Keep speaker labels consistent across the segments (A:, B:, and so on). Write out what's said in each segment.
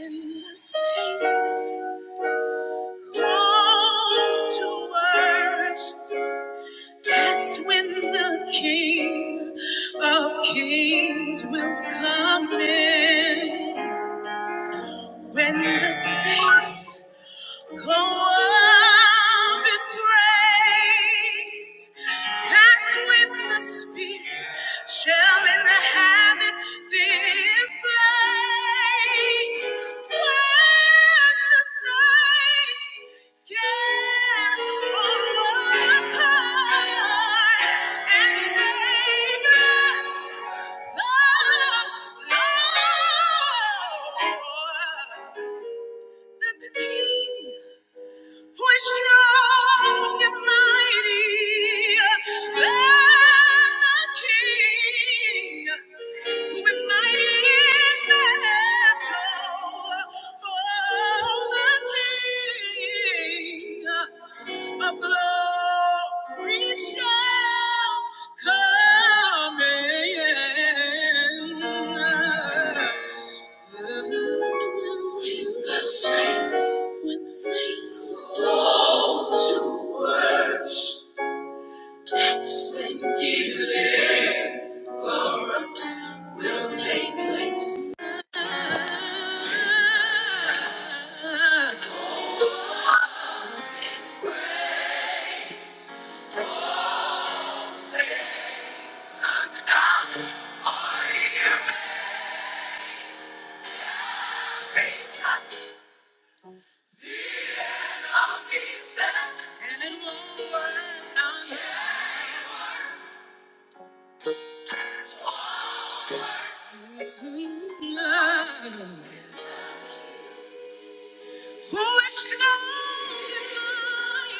A: And the saints throng to worship. That's when the King of Kings will come in. When the saints Go up in praise. That's when the Spirit shall inhabit this place. When the saints get on one accord and they bless the Lord. Then the King we're strong and mighty. Than the King, who is mighty in battle. Oh, the King of glory shall come in. The saints, when the saints fall to worship, that's when deliverance will take place. And it won't work on Who is strong and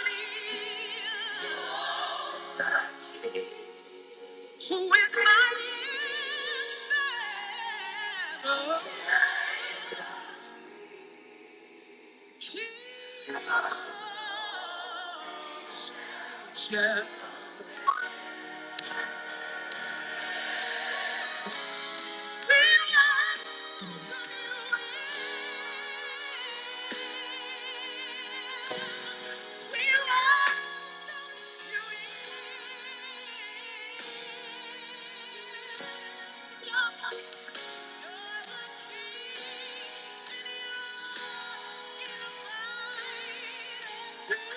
A: mighty? Who is my shepherd? Jesus. Yeah. We welcome you in. We welcome you are the you're in.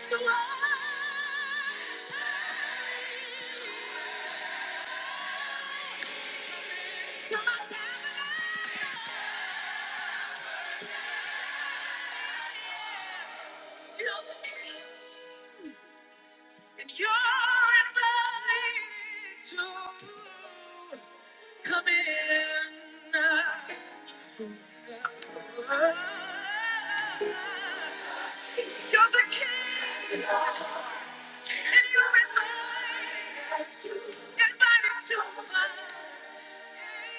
A: To my tabernacle and you're invited to come in. You're the king, and you're invited to, invited to my day.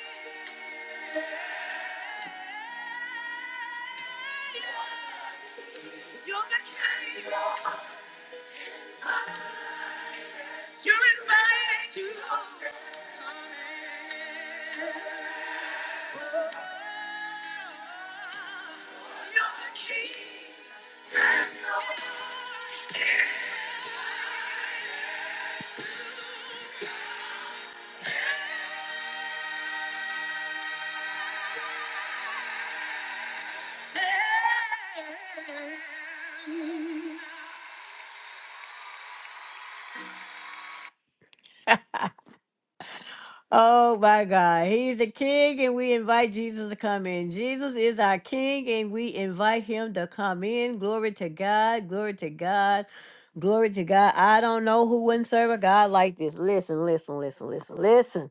A: You're the king, you're invited to come in. You're the king. Oh my God. He's the king, and we invite Jesus to come in. Jesus is our king, and we invite him to come in. Glory to God. Glory to God. Glory to God. I don't know who wouldn't serve a God like this. Listen, listen, listen, listen, listen.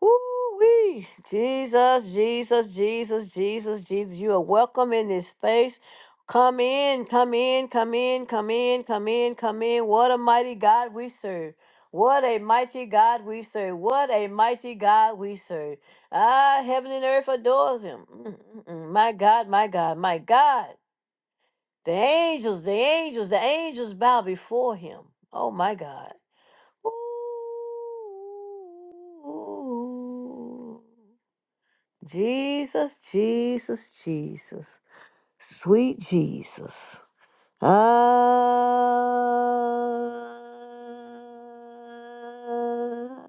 A: Woo-wee. Jesus, Jesus, Jesus, Jesus, Jesus. You are welcome in this space. Come in, come in, come in, come in, come in, come in. What a mighty God we serve. What a mighty God we serve. What a mighty God we serve. Ah, heaven and earth adores him. Mm, mm, mm. My God, my God, my God. The angels, the angels, the angels bow before him. Oh, my God. Ooh. Jesus, Jesus, Jesus. Sweet Jesus. Ah,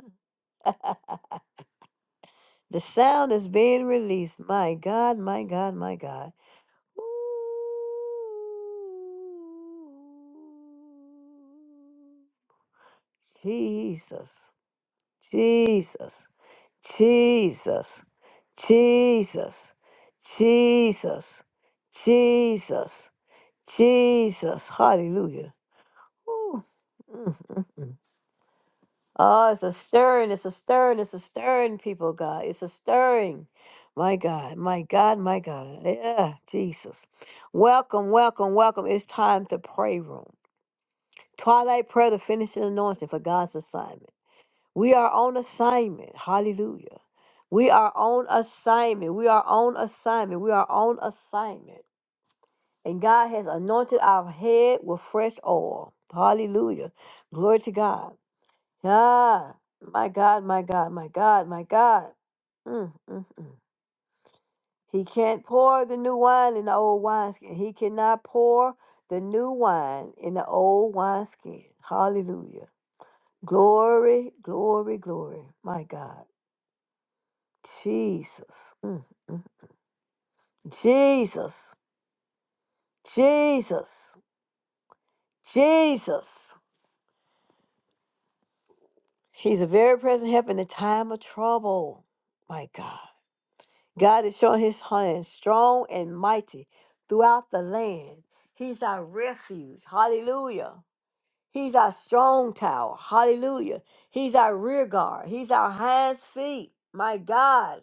A: the sound is being released. My God, my God, my God. Ooh. Jesus, Jesus, Jesus, Jesus, Jesus, Jesus. Jesus. Hallelujah. Woo. Mm, mm, mm. Oh, it's a stirring. It's a stirring. It's a stirring, people, of God. It's a stirring. My God, my God, my God. Yeah, Jesus. Welcome, welcome, welcome. It's time to pray room. Twilight prayer, to finish an anointing for God's assignment. We are on assignment. Hallelujah. We are on assignment. We are on assignment. We are on assignment. And God has anointed our head with fresh oil. Hallelujah. Glory to God. Ah, my God, my God, my God, my God. Mm, mm, mm. He can't pour the new wine in the old wineskin. He cannot pour the new wine in the old wineskin. Hallelujah. Glory, glory, glory. My God. Jesus. Mm. Jesus. Jesus. Jesus. He's a very present help in the time of trouble. My God. God is showing his hand strong and mighty throughout the land. He's our refuge. Hallelujah. He's our strong tower. Hallelujah. He's our rear guard. He's our hands, feet. My God.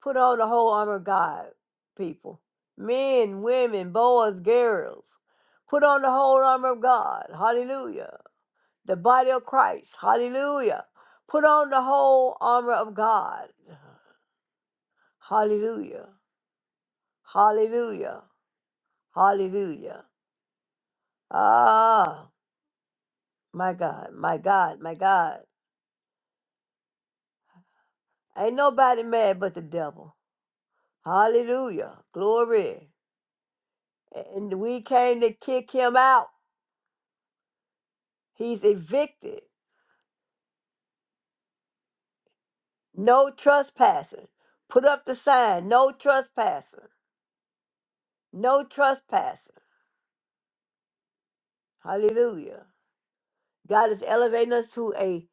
A: Put on the whole armor of God, people. Men, women, boys, girls. Put on the whole armor of God. Hallelujah the body of Christ. Hallelujah. Put on the whole armor of God. Hallelujah. Hallelujah. Hallelujah. Ah, my God, my God, my God. Ain't nobody mad but the devil. Hallelujah. Glory. And we came to kick him out. He's evicted. No trespassing. Put up the sign. No trespassing. No trespassing. Hallelujah. God is elevating us to a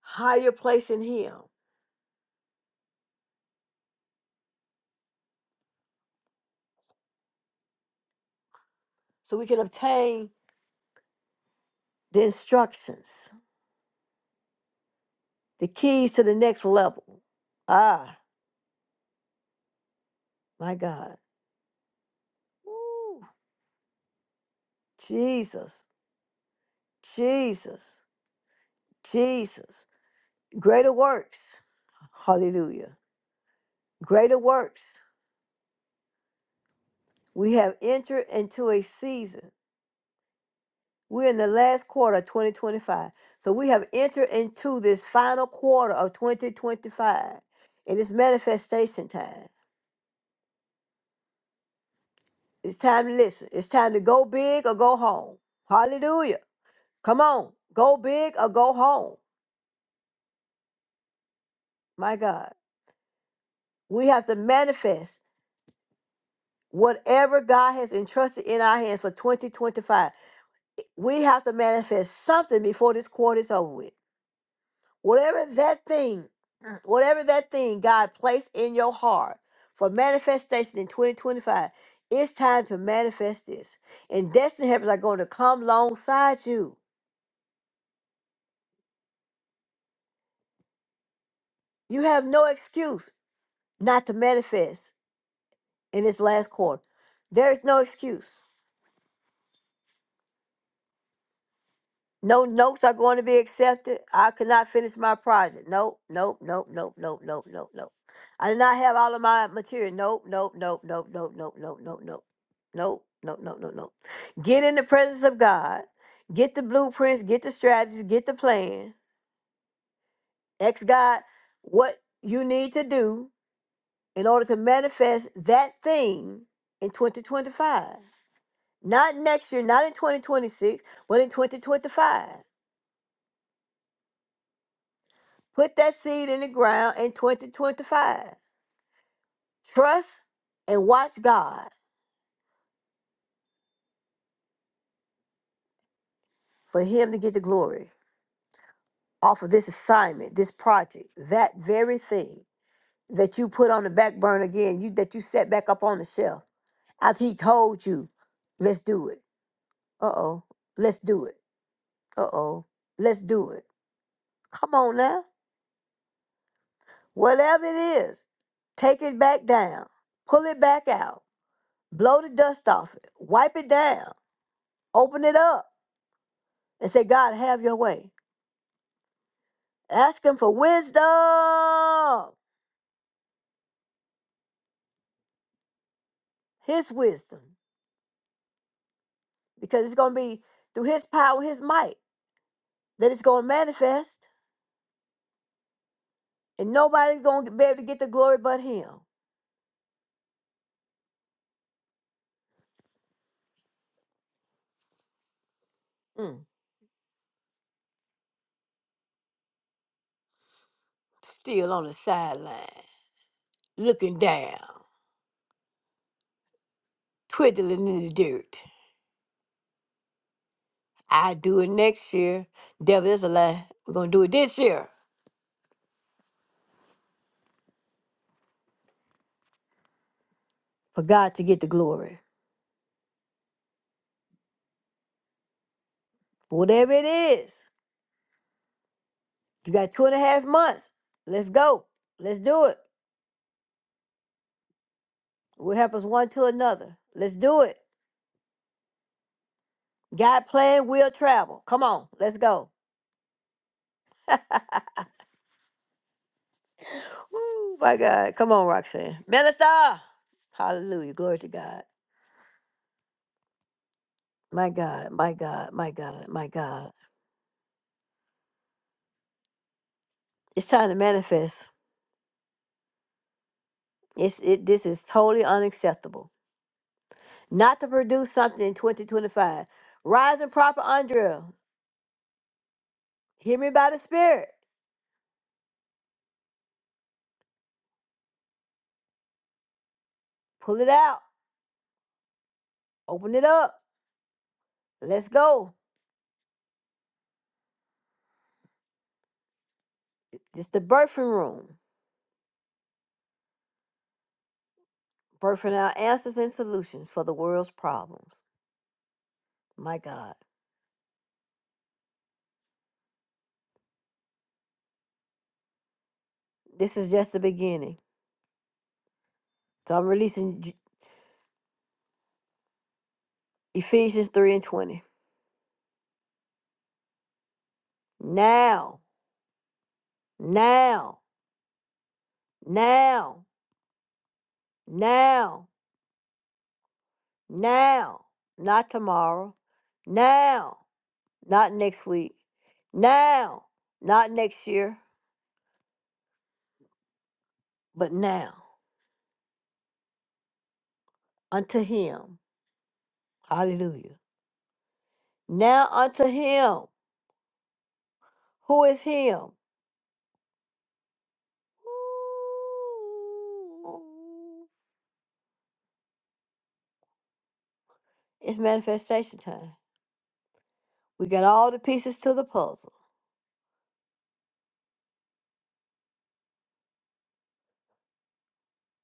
A: higher place in Him so we can obtain the instructions, the keys to the next level. Ah, my God. Woo. Jesus, Jesus, Jesus. Greater works. Hallelujah. Greater works. We have entered into a season. We're in the last quarter of 2025. So we have entered into this final quarter of 2025. It is manifestation time. It's time to listen. It's time to go big or go home. Hallelujah. Come on. Go big or go home. My God. We have to manifest whatever God has entrusted in our hands for 2025. We have to manifest something before this quarter is over with. Whatever that thing, whatever that thing God placed in your heart for manifestation in 2025, it's time to manifest this. And destiny helpers are going to come alongside you. You have no excuse. not to manifest in this last quarter. There is no excuse. No notes are going to be accepted. I could not finish my project. Nope, nope, nope, nope, nope, nope, nope, nope. I did not have all of my material. Nope, nope, nope, nope, nope, nope, nope, nope, nope. Nope, nope, nope, nope, nope. Get in the presence of God. Get the blueprints, get the strategies, get the plan. Ask God what you need to do in order to manifest that thing in 2025. Not next year, not in 2026, but in 2025. Put that seed in the ground in 2025. Trust and watch God for Him to get the glory off of this assignment, this project, that very thing that you put on the back burner again, you that you set back up on the shelf after He told you, let's do it. Uh oh, let's do it. Uh oh, let's do it. Come on now. Whatever it is, take it back down, pull it back out Blow the dust off it, wipe it down, open it up, and say, God, have your way. Ask Him for wisdom, His wisdom, because it's going to be through His power, His might, that it's going to manifest, and nobody's going to be able to get the glory but Him. Mm. Still on the sideline, looking down, twiddling in the dirt. I do it next year. Devil, that's a lie. We're going to do it this year for God to get the glory. Whatever it is, You got two and a half months. Let's go. Let's do it. We'll help us one to another. Let's do it. God plan, we'll travel. Come on, let's go. Oh my God. Come on, Roxanne. Minister. Hallelujah. Glory to God. My God, my God, my God, my God. It's time to manifest. It's it this is totally unacceptable. Not to produce something in 2025. Rise and proper Andrea. Hear me by the spirit. Pull it out. Open it up. Let's go. It's the birthing room, birthing out answers and solutions for the world's problems. My God, this is just the beginning. So I'm releasing J- Ephesians 3 and 20. Now, now, now, now, now, not tomorrow, now, not next week, now, not next year, but now, unto Him. Hallelujah. Now unto Him. Who is Him? It's manifestation time. We got all the pieces to the puzzle.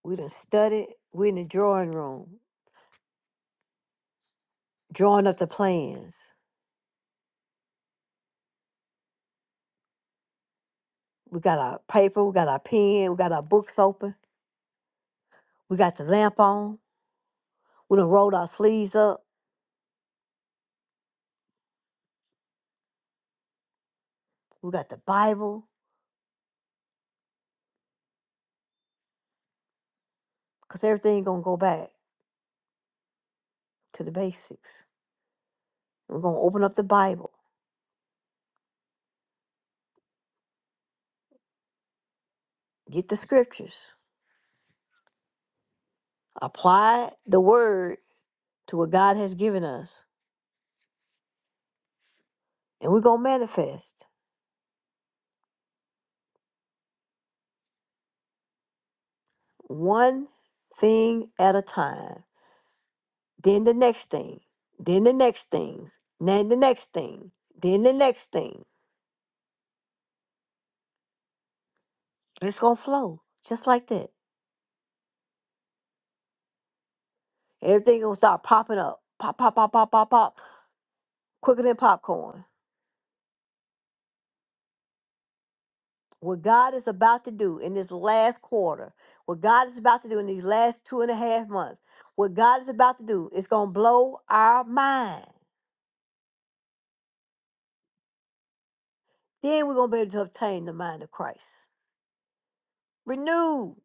A: We done studied. We in the drawing room, drawing up the plans. We got our paper, we got our pen, we got our books open, we got the lamp on, we done rolled our sleeves up, we got the Bible, because everything gonna go back to the basics. We're gonna open up the Bible, get the scriptures, apply the word to what God has given us, and we're gonna manifest. one thing at a time, then the next thing, then the next things, then the next thing, then the next thing. And It's gonna flow just like that. Everything gonna start popping up, pop, pop, pop, pop, pop, pop, quicker than popcorn. What God is about to do in this last quarter, what God is about to do in these last two and a half months, what God is about to do is gonna blow our mind. Then we're gonna be able to obtain the mind of Christ. Renewed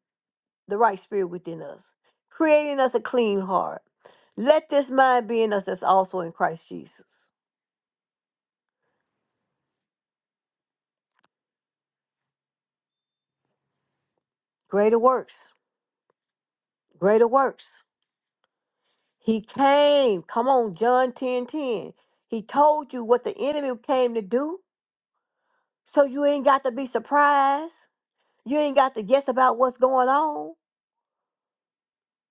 A: the right spirit within us, creating us a clean heart. Let this mind be in us that's also in Christ Jesus. Greater works, greater works. He came. Come on, John 10 10. He told you what the enemy came to do. So you ain't got to be surprised. You ain't got to guess about what's going on.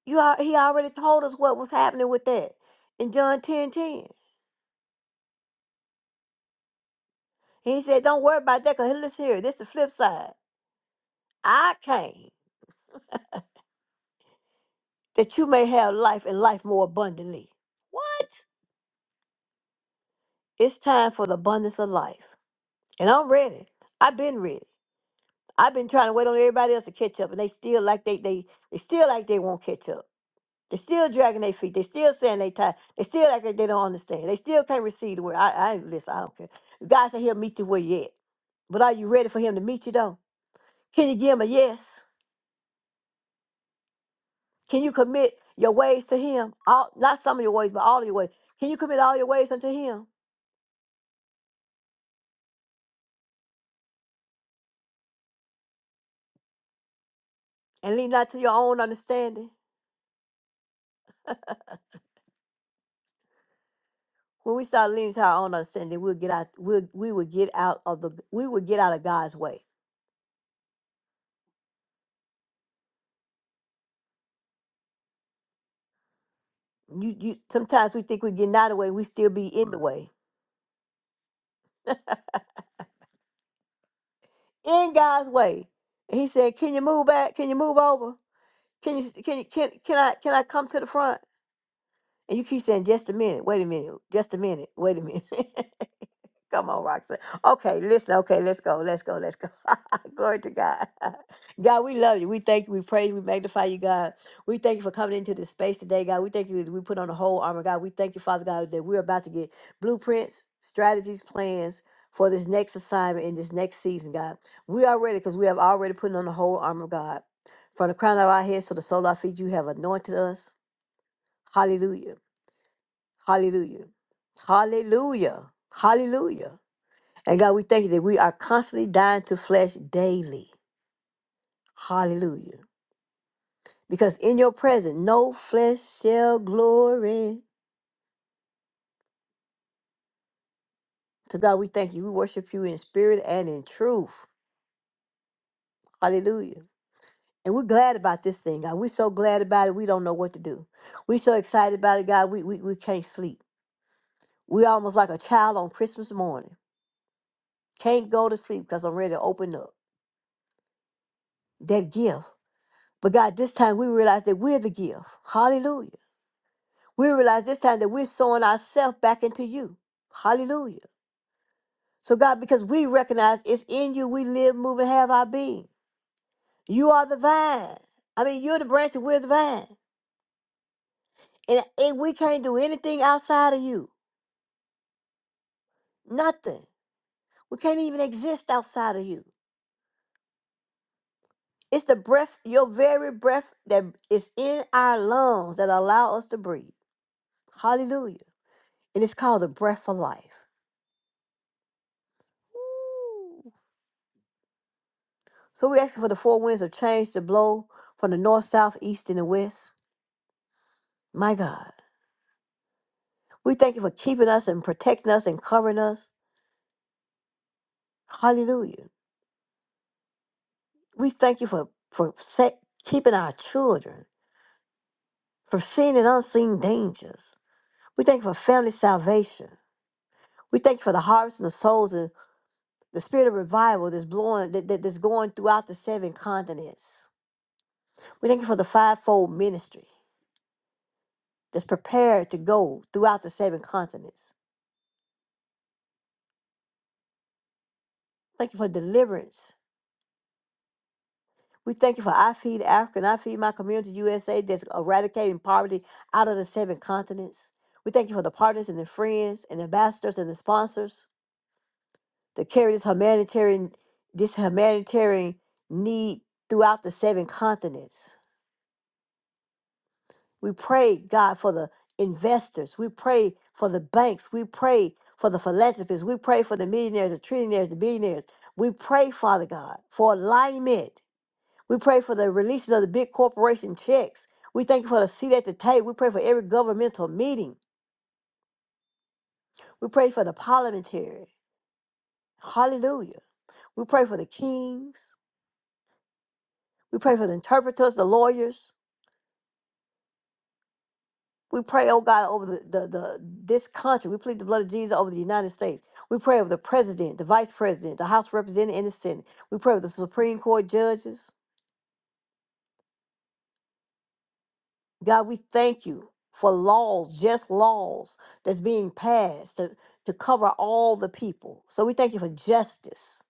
A: You are, he already told us what was happening with that in John 10 10. He said, Don't worry about that, because listen here, this is the flip side. I came. that you may have life and life more abundantly. What? It's time for the abundance of life. And I'm ready. I've been ready. I've been trying to wait on everybody else to catch up, and they still like they they they still like they won't catch up. They still dragging their feet. They still saying they tired. They still like they they don't understand. They still can't receive the word. I, I listen. I don't care. God said He'll meet you where you at. But are you ready for Him to meet you though? Can you give Him a yes? Can you commit your ways to Him? All, not some of your ways, but all of your ways. Can you commit all your ways unto Him? and lean not to your own understanding. When we start leaning to our own understanding, we'll get out. We'll, we will get out of the. We will get out of God's way. You, you. Sometimes we think we're getting out of the way. We still be in the way, in God's way. And he said, "Can you move back? Can you move over? Can you? Can you? Can can I? Can I come to the front?" And you keep saying, "Just a minute. Wait a minute. Just a minute. Wait a minute." Come on, Roxanne. Okay, listen. Okay, let's go. Let's go. Let's go. Glory to God. God, we love you. We thank you. We praise. you, We magnify you, God. We thank you for coming into this space today, God. We thank you. that We put on the whole armor, God. We thank you, Father God, that we're about to get blueprints, strategies, plans for this next assignment in this next season, God. We are ready because we have already put on the whole armor, God. From the crown of our heads to the sole of our feet, you have anointed us. Hallelujah. Hallelujah. Hallelujah. Hallelujah. And God, we thank you that we are constantly dying to flesh daily. Hallelujah. Because in your presence, no flesh shall glory. To God, we thank you. We worship you in spirit and in truth. Hallelujah. And we're glad about this thing, God. We're so glad about it, we don't know what to do. We're so excited about it, God, we, we, we can't sleep. we almost like a child on Christmas morning. Can't go to sleep because I'm ready to open up that gift. But God, this time we realize that we're the gift. Hallelujah We realize this time that we're sowing ourselves back into you. Hallelujah. So, God, because we recognize it's in you we live, move, and have our being. You are the vine. I mean, you're the branch and we're the vine. And, and we can't do anything outside of you. Nothing. We can't even exist outside of you. It's the breath, your very breath that is in our lungs that allow us to breathe. Hallelujah. And it's called the breath of life. Woo. So we ask for the four winds of change to blow from the north, south, east, and the west. My God. We thank you for keeping us and protecting us and covering us. Hallelujah. We thank you for, for sa- keeping our children from seen and unseen dangers. We thank you for family salvation. We thank you for the harvest and the souls and the spirit of revival that's blowing that, that- that's going throughout the seven continents. We thank you for the fivefold ministry that's prepared to go throughout the seven continents. Thank you for deliverance We thank you for I Feed Africa and I Feed My Community USA that's eradicating poverty out of the seven continents. We thank you for the partners and the friends and ambassadors and the sponsors to carry this humanitarian this humanitarian need throughout the seven continents. We pray, God, for the investors. We pray for the banks. We pray for the philanthropists. We pray for the millionaires, the trillionaires, the billionaires. We pray, Father God, for alignment We pray for the releasing of the big corporation checks. We thank you for the seat at the table. We pray for every governmental meeting. We pray for the parliamentary. Hallelujah. We pray for the kings. We pray for the interpreters, the lawyers. We pray, oh God, over the, the, the this country. We plead the blood of Jesus over the United States. We pray over the president, the vice president, the House representative, and the Senate. We pray over the Supreme Court judges. God, we thank you for laws, just laws that's being passed to, to cover all the people. So we thank you for justice.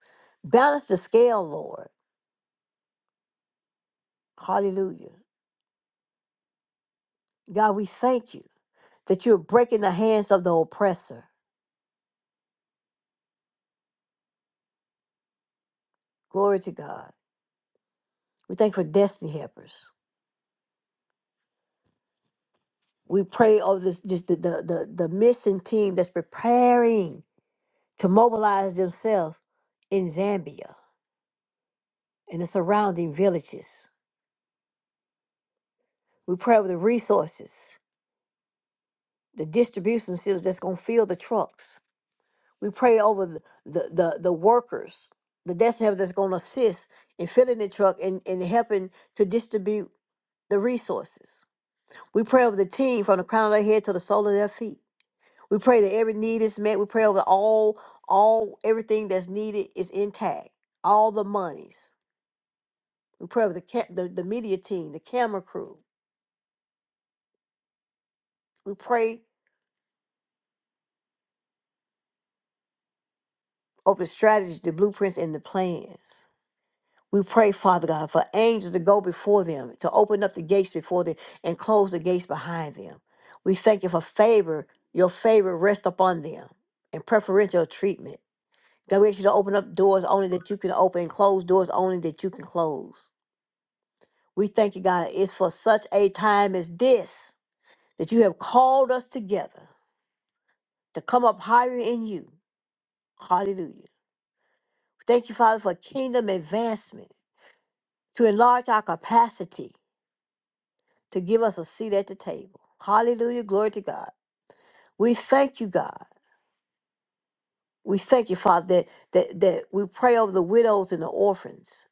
A: Balance the scale, Lord. Hallelujah. God, we thank you that you're breaking the hands of the oppressor. Glory to God. We thank you for destiny helpers. We pray over this, this the, the, the, the mission team that's preparing to mobilize themselves in Zambia and the surrounding villages. We pray over the resources the distribution centers that's going to fill the trucks. We pray over the, the, the, the workers, the destiny helpers that's going to assist in filling the truck and, and helping to distribute the resources. We pray over the team from the crown of their head to the sole of their feet. We pray that every need is met. We pray over all, all everything that's needed is intact. All the monies. We pray over the, ca- the the media team, the camera crew. We pray over the strategies, the blueprints, and the plans. We pray, Father God, for angels to go before them, to open up the gates before them and close the gates behind them. We thank you for favor, your favor rest upon them and preferential treatment. God, we ask you to open up doors only that you can open and close doors only that you can close. We thank you, God, it's for such a time as this that you have called us together to come up higher in you. Hallelujah. Thank you, Father, for kingdom advancement, to enlarge our capacity to give us a seat at the table. Hallelujah. Glory to God. We thank you, God. We thank you, Father, that, that, that we pray over the widows and the orphans,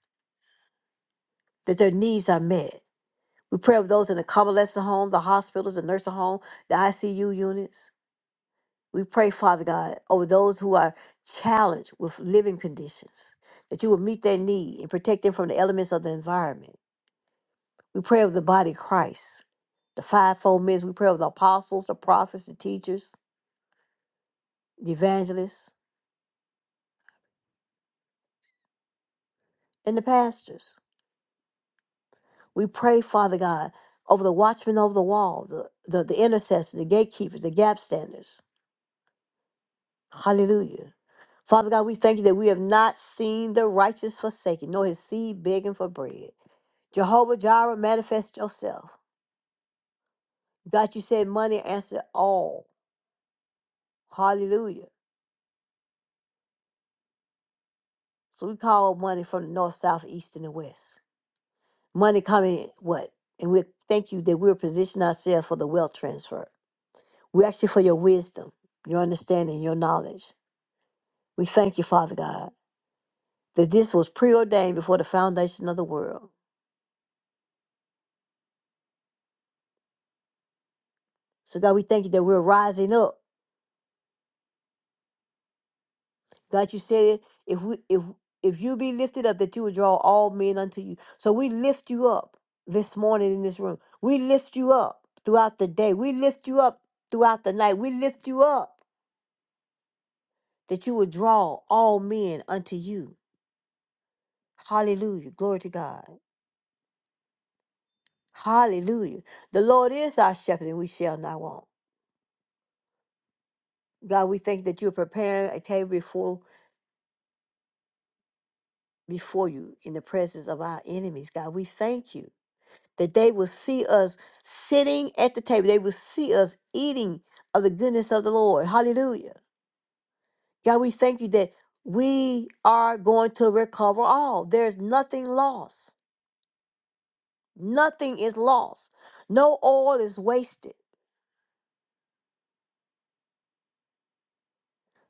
A: that their needs are met. We pray over those in the convalescent home, the hospitals, the nursing home, the ICU units. We pray, Father God, over those who are challenged with living conditions, that you will meet their need and protect them from the elements of the environment. We pray over the body of Christ, the fivefold men. We pray over the apostles, the prophets, the teachers, the evangelists. in the pastures. We pray, Father God, over the watchmen over the wall, the, the, the intercessors, the gatekeepers, the gap standers. Hallelujah. Father God, we thank you that we have not seen the righteous forsaken, nor his seed begging for bread. Jehovah Jireh, manifest yourself. God, you said money answered all. Hallelujah. So we call money from the north, south, east, and the west. Money coming, in, what? And we thank you that we're positioning ourselves for the wealth transfer. We ask you for your wisdom, your understanding, your knowledge. We thank you, Father God, that this was preordained before the foundation of the world. So God, we thank you that we're rising up. God, you said it. If we if if you be lifted up, that you would draw all men unto you. So we lift you up this morning in this room. We lift you up throughout the day. We lift you up throughout the night. We lift you up that you would draw all men unto you. Hallelujah. Glory to God. Hallelujah. The Lord is our shepherd, and we shall not want. God, we thank that you're preparing a table before before you in the presence of our enemies. God, we thank you that they will see us sitting at the table. They will see us eating of the goodness of the Lord. Hallelujah. God, we thank you that we are going to recover all. There's nothing lost. Nothing is lost. No oil is wasted.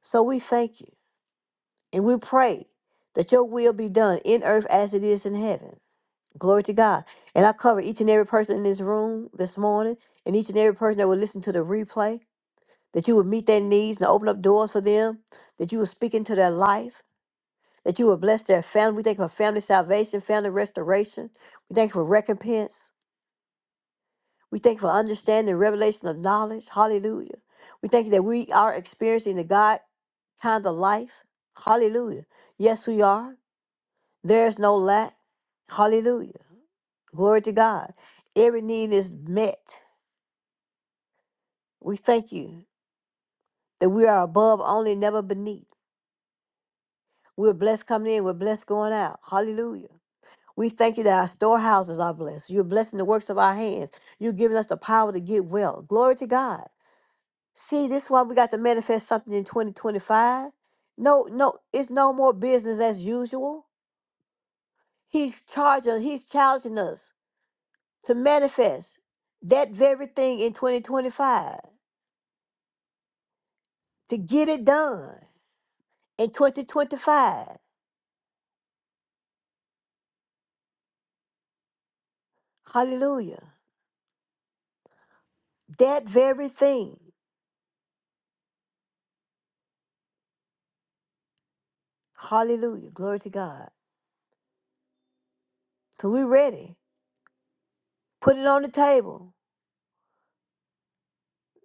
A: So we thank you. And we pray that your will be done in earth as it is in heaven. Glory to God. And I cover each and every person in this room this morning and each and every person that will listen to the replay, that you would meet their needs and open up doors for them, that you would speak into their life, that you would bless their family. We thank you for family salvation, family restoration. We thank you for recompense. We thank you for understanding, revelation of knowledge. Hallelujah. We thank you that we are experiencing the God kind of life. Hallelujah. Yes, we are. There's no lack. Hallelujah. Glory to God. Every need is met. We thank you that we are above only, never beneath. We're blessed coming in, we're blessed going out. Hallelujah. We thank you that our storehouses are blessed. You're blessing the works of our hands. You're giving us the power to get well. Glory to God. See, this is why we got to manifest something in 2025. No, no, it's no more business as usual. He's charging, he's challenging us. to manifest that very thing in 2025, to get it done in 2025. Hallelujah. That very thing. Hallelujah. Glory to God. So we're ready. Put it on the table.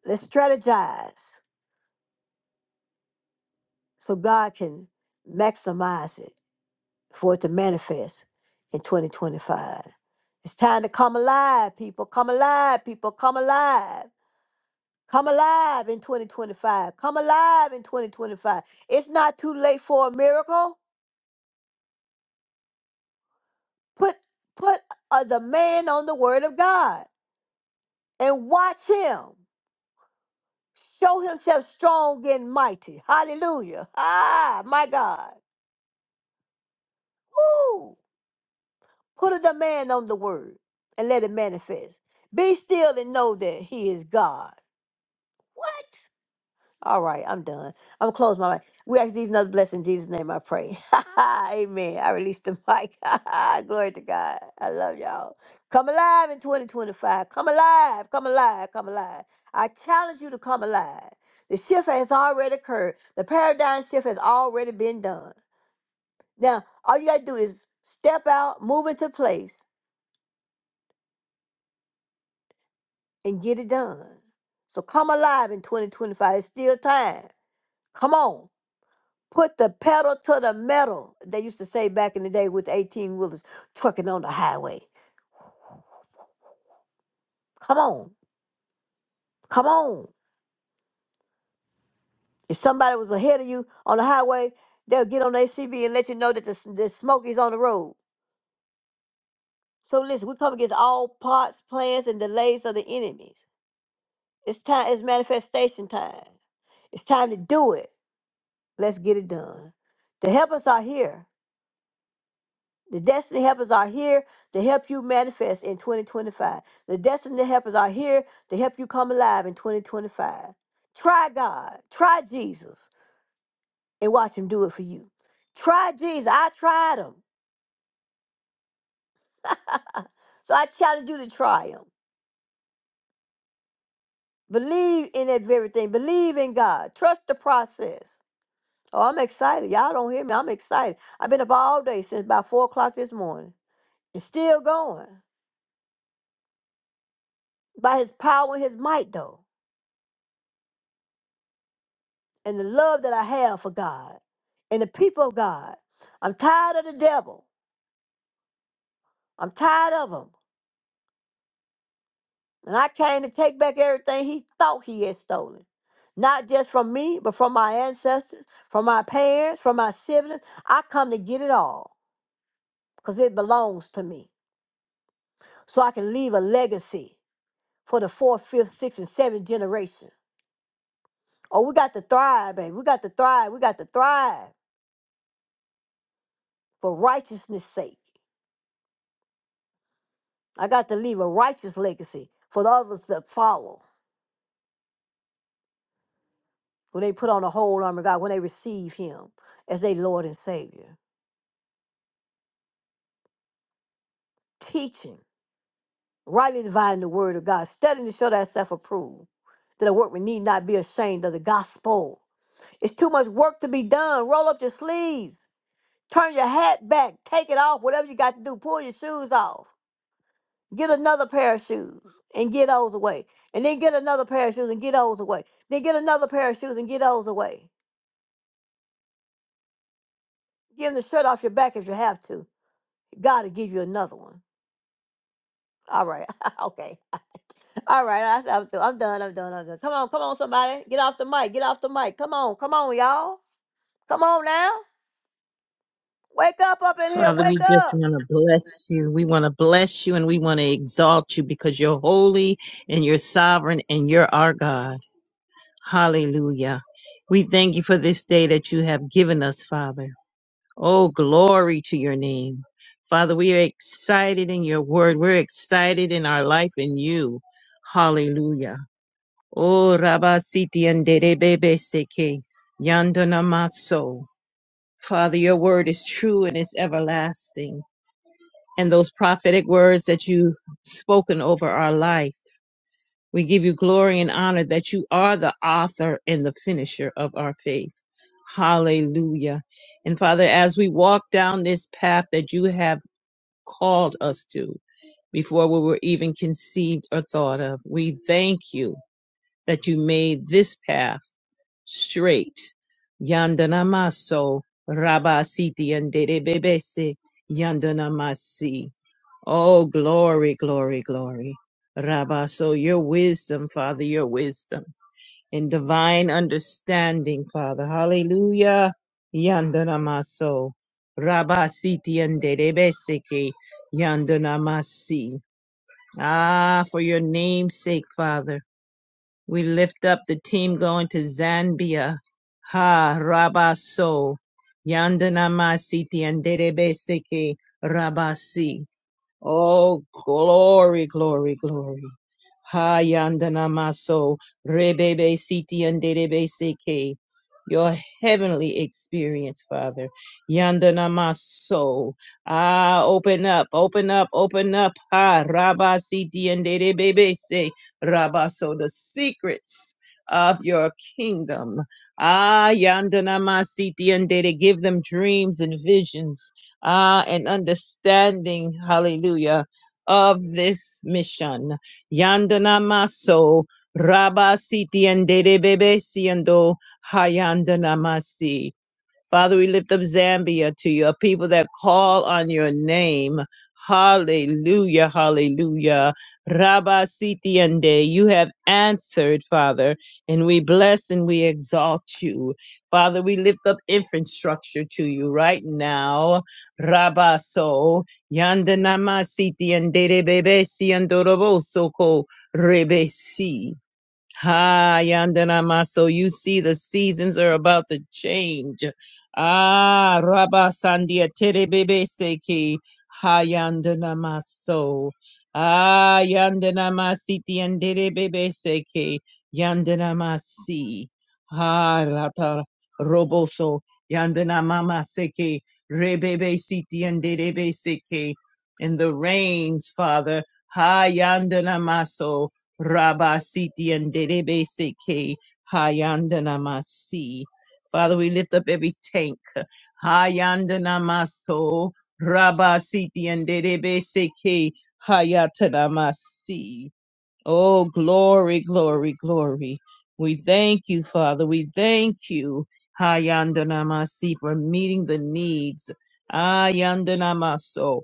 A: Let's strategize so God can maximize it for it to manifest in 2025. It's time to come alive, people. Come alive, people. Come alive. Come alive in 2025. Come alive in 2025. It's not too late for a miracle. Put put a demand on the word of God and watch him show himself strong and mighty. Hallelujah. Ah, my God. Woo. Put a demand on the word and let it manifest. Be still and know that he is God. What? All right, I'm done. I'm gonna close my mic. We ask these another blessing in Jesus' name. I pray. Amen. I release the mic. Glory to God. I love y'all. Come alive in 2025. Come alive. Come alive. Come alive. I challenge you to come alive. The shift has already occurred. The paradigm shift has already been done. Now, all you gotta do is step out, move into place, and get it done. So come alive in 2025. It's still time. Come on. Put the pedal to the metal. They used to say back in the day with 18 wheelers trucking on the highway. Come on. Come on. If somebody was ahead of you on the highway, they'll get on their CB and let you know that the, s- the smoke is on the road. So listen, we come against all plots, plans, and delays of the enemies. It's time, it's manifestation time. It's time to do it. Let's get it done. The helpers are here. The destiny helpers are here to help you manifest in 2025. The destiny helpers are here to help you come alive in 2025. Try God. Try Jesus and watch him do it for you. Try Jesus. I tried him. so I challenge you to try him. Believe in that very thing. Believe in God. Trust the process. Oh, I'm excited. Y'all don't hear me. I'm excited. I've been up all day since about four o'clock this morning and still going by his power and his might, though. and the love that I have for God and the people of God. I'm tired of the devil. I'm tired of him. And I came to take back everything he thought he had stolen. Not just from me, but from my ancestors, from my parents, from my siblings. I come to get it all because it belongs to me. So I can leave a legacy for the fourth, fifth, sixth, and seventh generation. Oh, we got to thrive, baby. We got to thrive. We got to thrive for righteousness' sake. I got to leave a righteous legacy for the others that follow when they put on the whole armor of God, when they receive Him as their Lord and Savior. Teaching, rightly dividing the word of God, studying to show thyself approved, that a workman need not be ashamed of the gospel. It's too much work to be done. Roll up your sleeves, turn your hat back, take it off, whatever you got to do, pull your shoes off. Get another pair of shoes and get those away. And then get another pair of shoes and get those away. Then get another pair of shoes and get those away Give him the shirt off your back if you have to. God will give you another one. All right. okay. All right. I, I'm, through. I'm done. I'm done. I'm done. Come on. Come on, somebody. Get off the mic. Get off the mic. Come on. Come on, y'all. Come on now. Wake up up in here.
B: Father, we
A: Wake
B: just
A: up.
B: want to bless you. We want to bless you and we want to exalt you because you're holy and you're sovereign and you're our God. Hallelujah. We thank you for this day that you have given us, Father. Oh, glory to your name. Father, we are excited in your word. We're excited in our life in you. Hallelujah. Oh, rabasiti Siti and Derebebe Seke, Yandana Maso. Father, your word is true and it's everlasting and those prophetic words that you've spoken over our life. We give you glory and honor that you are the author and the finisher of our faith. Hallelujah. And Father, as we walk down this path that you have called us to before we were even conceived or thought of, we thank you that you made this path straight. Yandanamaso, Rabasiti and Derebebese, Yandanamasi. Oh, glory, glory, glory. Rabba, so your wisdom, Father, your wisdom and divine understanding, Father. Hallelujah. Yandanamaso. Rabba siti yanderebeseke. Yandanamasi. Ah, for your name's sake, Father. We lift up the team going to Zambia. Ha, Rabba so. Yandanama siti yanderebeseke. Rabasi. Oh, glory, glory, glory. Hayandanamaso, rebebe siti and derebe seke. Your heavenly experience, Father. Yandanamaso. Ah, open up, open up, open up. Ha, rabba siti and derebe se. Rabaso, the secrets of your kingdom. Ah, yandanamasiti and dere. give them dreams and visions ah, and understanding, hallelujah, of this mission. Yandana maso, Rabba siti and dede bebe siendo hayandana masi. Father, we lift up Zambia to you, a people that call on your name. Hallelujah, hallelujah. Rabba Sitiande, you have answered, Father, and we bless and we exalt you. Father, we lift up infrastructure to you right now. Rabba so yandanama siti andere bebe si andorobo soko rebesi. Ha Yandanama. So you see the seasons are about to change. Ah Rabba Sandia Terebebe Seki Ha Yandanama so Ah Yandanama Siti and Terebebe Seki Yandanama si Ha Rata Roboso Yandanama Seki Rebebe Siti and Terebe Seki in the rains, Father. Ha Yandanama so Rabba Siti and Derebe Seke Hayandana Masi. Father, we lift up every tank. Hayandana Maso Rabba Siti and Derebe Seke Hayatana Masi. Oh, glory, glory, glory. We thank you, Father. We thank you, Hayandana Masi, for meeting the needs. Hayandana Maso.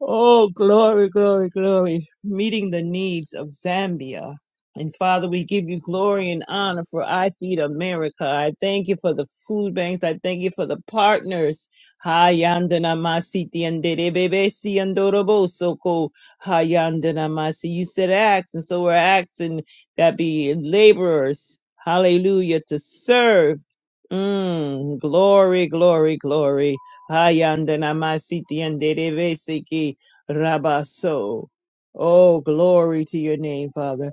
B: Oh, glory, glory, glory. Meeting the needs of Zambia. And Father, we give you glory and honor for I Feed America. I thank you for the food banks. I thank you for the partners. Hayandana masi tiendere bebe si andorobo soko hayandana masi. You said acts, and so we're asking that be laborers. Hallelujah to serve. Mm, glory, glory, glory. Hayandana and Derebesiki Rabaso. Oh, glory to your name, Father.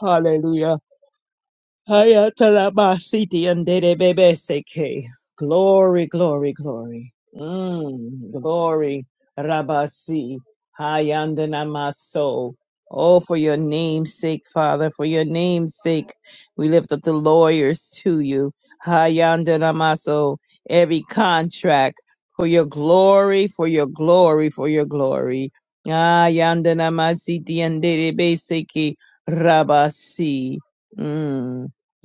B: Hallelujah. Hayatalabasiti and Dedebebeseke. Glory, glory, glory. Mm, glory, Rabasi. Hayandanamaso. Oh, for your name's sake, Father, for your name's sake, we lift up the lawyers to you. Hayandanamaso. Every contract for your glory, for your glory, for your glory. Hayandanamasiti and Dedebeseke. Rabasi. Mm.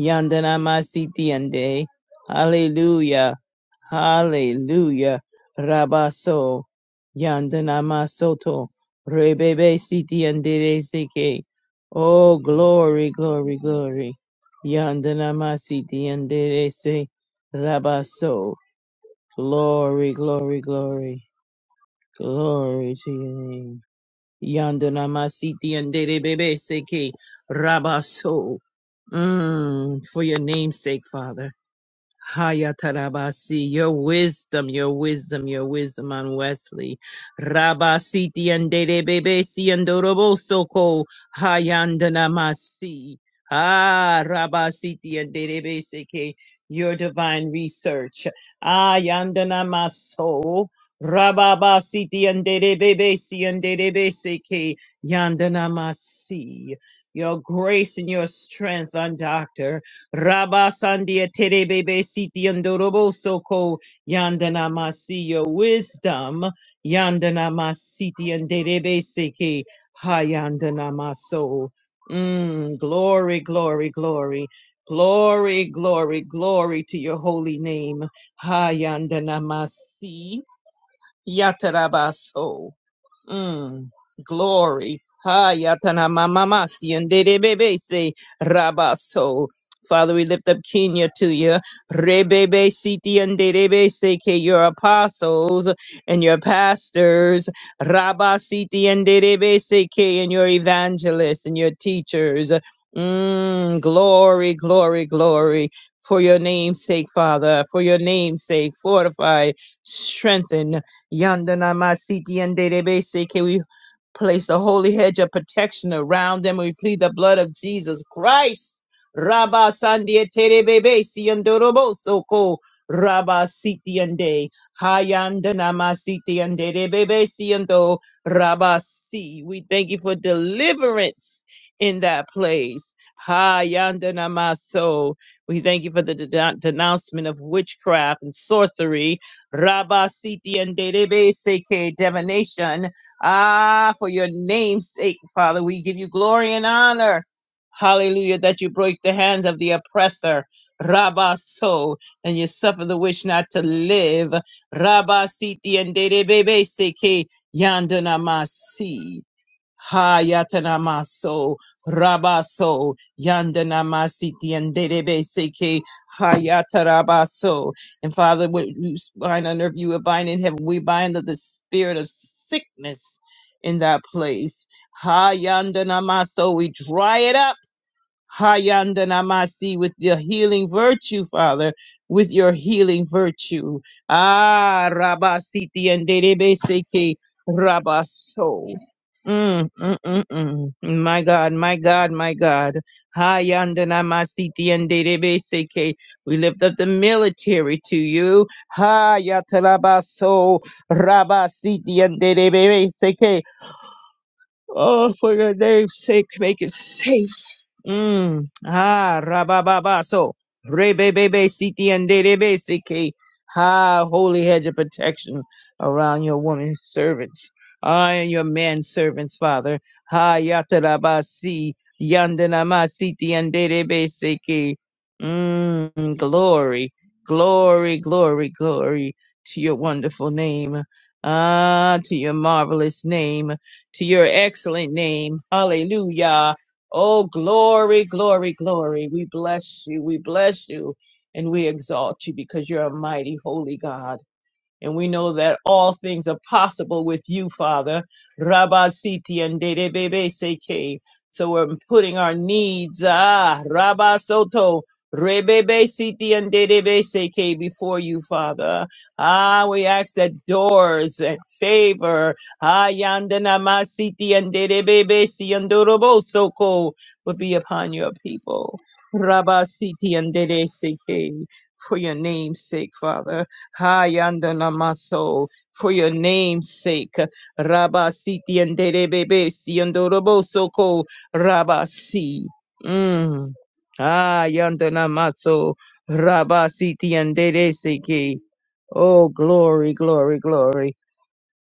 B: Yandanamasiti ande. Hallelujah. Hallelujah. Rabaso. Yandanamasoto. Rebebe siti andere seke. Oh, glory, glory, glory. Yandanamasiti andere se. Rabaso. Glory, glory, glory. Glory to your name. Yandanamasiti andere bebe seke. Rabaso. Mm, for your name's sake, Father. Hayatarabasi, your wisdom, your wisdom, your wisdom on Wesley. Rabasiti and Dedebebesi and Dorobosoko Hayandanamasi. Ah, Rabasiti and Dedebeseke, your divine research. Ah, Yandanamaso. Rababasiti and Dedebebesi and Dedebeseke, Yandanamasi. Your grace and your strength on Doctor. Rabasandia terebebe siti andorobo soko yandana masiyo wisdom yandana masiti anderebe seke hayandana maso. Mm, glory, glory, glory. Glory, glory, glory to your holy name. Hayandana masi yatarabaso. Mm, glory. Hayatana mama siende bebe se rabaso. Father, we lift up Kenya to you. Rebebe siti and se ke your apostles and your pastors. Rabba siti and se ke and your evangelists and your teachers. Mm, glory, glory, glory. For your name's sake, Father, for your name's sake, fortify, strengthen, Yandana Masiti and Database, can we place a holy hedge of protection around them? We plead the blood of Jesus Christ. Rabba Sandia Terebebe Siandorobo Soko Rabba Siti and Day Hayandana Masiti and Databebe Siando Rabba Si. We thank you for deliverance in that place. Hayandana Maso. We thank you for the denou- denouncement of witchcraft and sorcery Rabasiti and Derebe Seke divination. Ah, for your name's sake, Father, we give you glory and honor. Hallelujah, that you break the hands of the oppressor. Rabaso, and you suffer the wish not to live. Rabasiti and Derebe Seke Yandanamasi. Hayatanamaso, Rabaso, Yandanamasiti, and Dedebeseke, Hayatarabaso. And Father, what you bind on earth, you will bind in heaven. We bind the spirit of sickness in that place. Hayandanamaso, we dry it up Hayandanamasi with your healing virtue, Father, with your healing virtue. Ah, Rabasiti and Derebeseke Rabaso. Mm, mm, mm, mm. My God, my God, my God. Hayandanamasiti and Derebeseke. We lift up the military to you. Hayatalabaso Rabasiti and Oh, for your name's sake, make it safe. Mm. Ah, rabababa. So, rebebebe, siti, and derebe, siki. Ah, holy hedge of protection around your woman servants. Ah, and your man servants, Father. Ah, yatarabasi, yandanama, siti, and derebe, siki. Mm. Glory, glory, glory, glory to your wonderful name. Ah, to your marvelous name to your excellent name. Hallelujah. Oh, glory, glory, glory. We bless you. We bless you and we exalt you because you're a mighty, holy God. And we know that all things are possible with you, Father. Rabba Siti and Dedebebe Seke. So we're putting our needs, ah, Rabba Soto, Rebebe Siti and Dedebe Seke before you, Father. Ah, we ask that doors and favor, ah, Yandanama Siti and Dedebebe Siandorobo Soko would be upon your people. Rabba Siti and Dede Seke, for your name's sake, Father. Hayandana maso for your name's sake. Rabba siti and derebebe si andorobosoko rabba si. Mm. Hayandana maso rabba siti and dereseke. Oh, glory, glory, glory.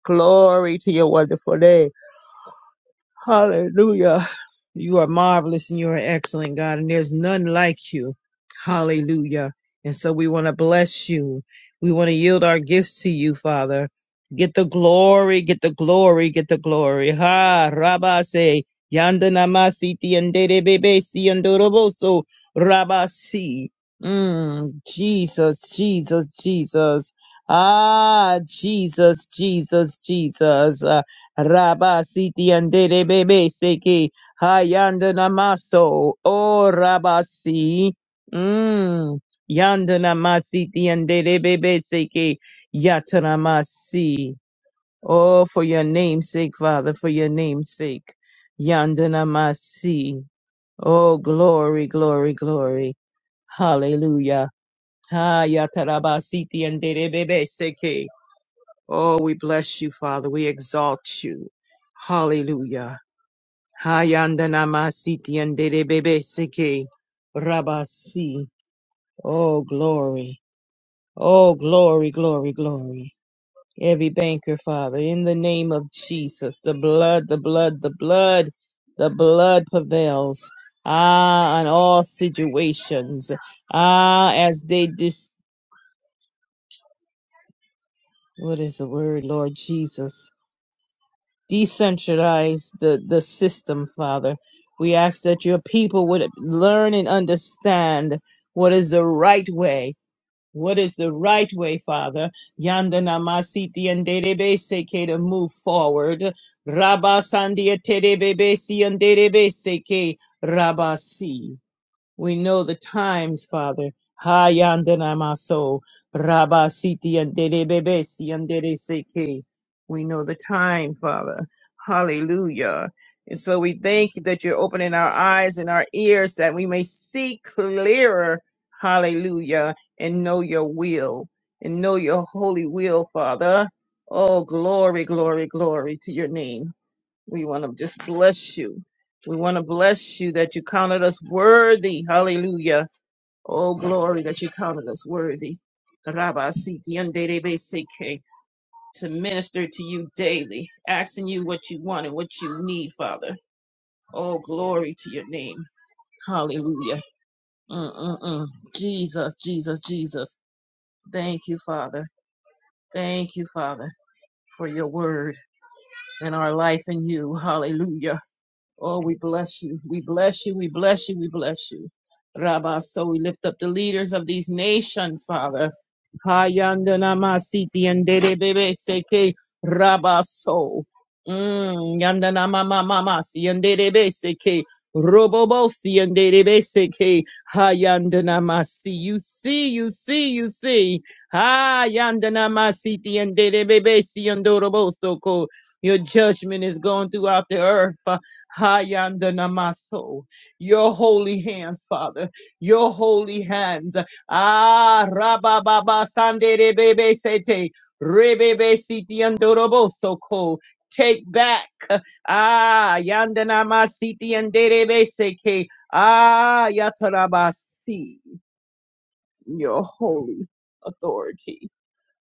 B: Glory to your wonderful name. Hallelujah. You are marvelous and you are excellent, God, and there's none like you. Hallelujah. And so we want to bless you. We want to yield our gifts to you, Father. Get the glory, get the glory, get the glory. Ha, Rabba say, Yanda namasiti andere bebe si andoroboso, Rabba si. Mm, Jesus, Jesus, Jesus. Ah, Jesus, Jesus, Jesus. Rabba siti andere bebe seki hayandana maso o rabasi. Mm. Yandana masiti andere bebe seki yatana masi. Oh, for your name's sake, Father, for your name's sake. Yandana masi. Oh, glory, glory, glory. Hallelujah. Hayataraba siti andere bebe seki. Oh, we bless you, Father. We exalt you. Hallelujah. Hayandanama siti andere bebe seke rabasi. Oh glory. Oh glory, glory, glory. Every banker, Father, in the name of Jesus, the blood, the blood, the blood, the blood prevails. Ah, on all situations. Ah, as they dis what is the word, Lord Jesus? decentralize the, the system, Father. We ask that your people would learn and understand what is the right way. What is the right way, Father? Yanda namasiti and derebe seke to move forward. Rabba sandia terebe si and derebe seke rabasi. We know the times, Father. Ha yandanamaso rabasiti yanderebebesi yandereseke. We know the time, Father. Hallelujah. And so we thank you that you're opening our eyes and our ears that we may see clearer. Hallelujah. And know your will and know your holy will, Father. Oh, glory, glory, glory to your name. We want to just bless you. We want to bless you that you counted us worthy. Hallelujah. Oh, glory that you counted us worthy. Rabba Siti and Dede Beseke, To minister to you daily, asking you what you want and what you need, Father. Oh, glory to your name. Hallelujah. Mm-mm-mm. Jesus, Jesus, Jesus. Thank you, Father. Thank you, Father, for your word and our life in you. Hallelujah. Oh, we bless you. We bless you. We bless you. We bless you. Rabba, so we lift up the leaders of these nations, Father. Hayandanamasi and Debebe Seke Rabba so. Yandanamamamasi and Debebe Seke Robobosi and Debebe Seke Hayandanamasi. You see, you see, you see. Hayandanamasi and Debebe Siandoroboso. Your judgment is going throughout the earth. Hayandanamaso, your holy hands, Father, your holy hands. Ah, Rabababa Sande Rebebe Sete, Rebebe Siti Andoroboso Ko. Take back. Ah, Yandanama Siti and Derebe Seke. Ah, Yatarabasi, your holy authority.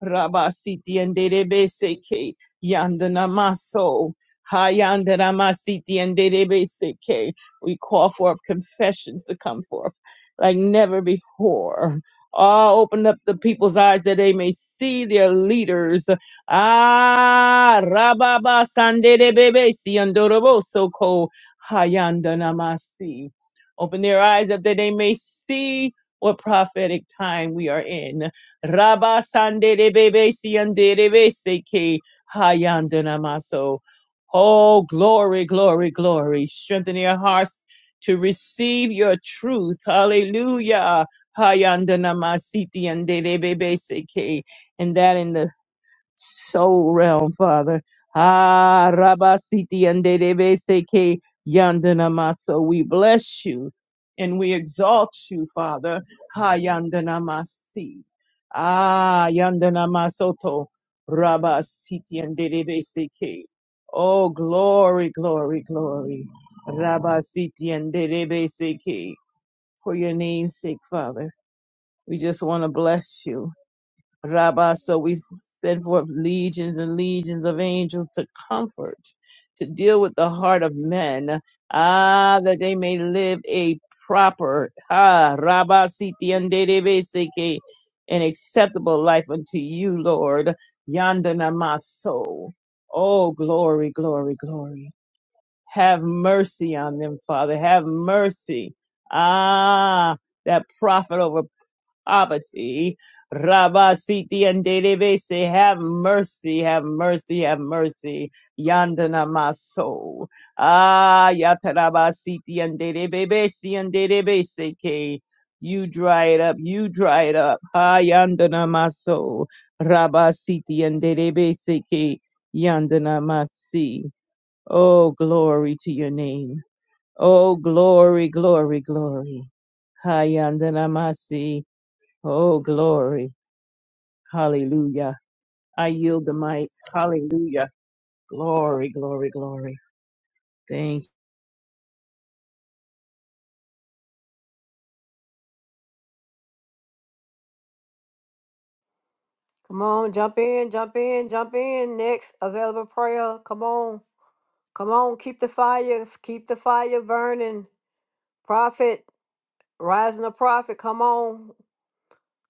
B: Rabasiti and Derebeseke, Yandanamaso, Hayandanamasiti and Derebeseke. We call forth confessions to come forth like never before. Ah, open up the people's eyes that they may see their leaders. Ah, Rababa Sanderebesi and Doroboso ko Hayandanamasi. Open their eyes up that they may see what prophetic time we are in. Rabba Sandere Bebe Siandere Beseke Hayandana Maso. Oh, glory, glory, glory. Strengthen your hearts to receive your truth. Hallelujah. Hayandana Masiti Andere Beseke. And that in the soul realm, Father. Ah, Rabasiti and Dedebeseke Yandana Maso. We bless you and we exalt you, Father. Ha Yandana Masi. Ah, Yandana Masoto. Rabasiti and Dedebeseke. Oh, glory, glory, glory. Rabasiti and Dedebeseke. For your name's sake, Father. We just want to bless you. Rabbah. So we send forth legions and legions of angels to comfort, to deal with the heart of men, ah, that they may live a proper, ah, Rabbah Siti and Dedebeseke, an acceptable life unto you, Lord, Yanda soul, Oh, glory, glory, glory. Have mercy on them, Father. Have mercy. Ah, that prophet over poverty. Rabba Siti and Delebese, have mercy, have mercy, have mercy. Yandana Maso. Ah, Yataraba Siti and Delebese and Delebese K. You dry it up, you dry it up. Ah, Yandana Maso. Rabba Siti and Delebese K. Yandana Masi. Oh, glory to your name. Oh, glory, glory, glory. Hayandanamasi. Oh, glory. Hallelujah. I yield the mic. Hallelujah. Glory, glory, glory. Thank.
A: Come on. Jump in. Jump in. Jump in. Next available prayer. Come on. Come on. Keep the fire. Keep the fire burning. Prophet. Rising the prophet. Come on.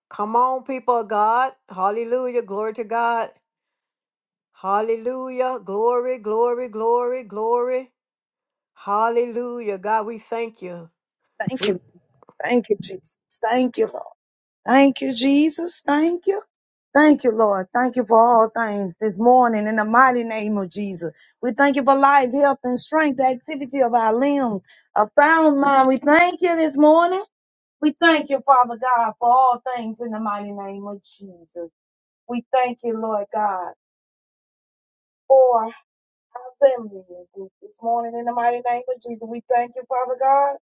A: Come on, people of God. Hallelujah. Glory to God. Hallelujah. Glory, glory, glory, glory. Hallelujah. God, we thank you.
C: Thank
A: We-
C: you. Thank you, Jesus. Thank you, Lord. Thank you, Jesus. Thank you. Thank you, Lord. Thank you for all things this morning in the mighty name of Jesus. We thank you for life, health, and strength, the activity of our limbs, a sound mind. We thank you this morning. We thank you, Father God, for all things in the mighty name of Jesus. We thank you, Lord God, for our family this morning in the mighty name of Jesus. We thank you, Father God.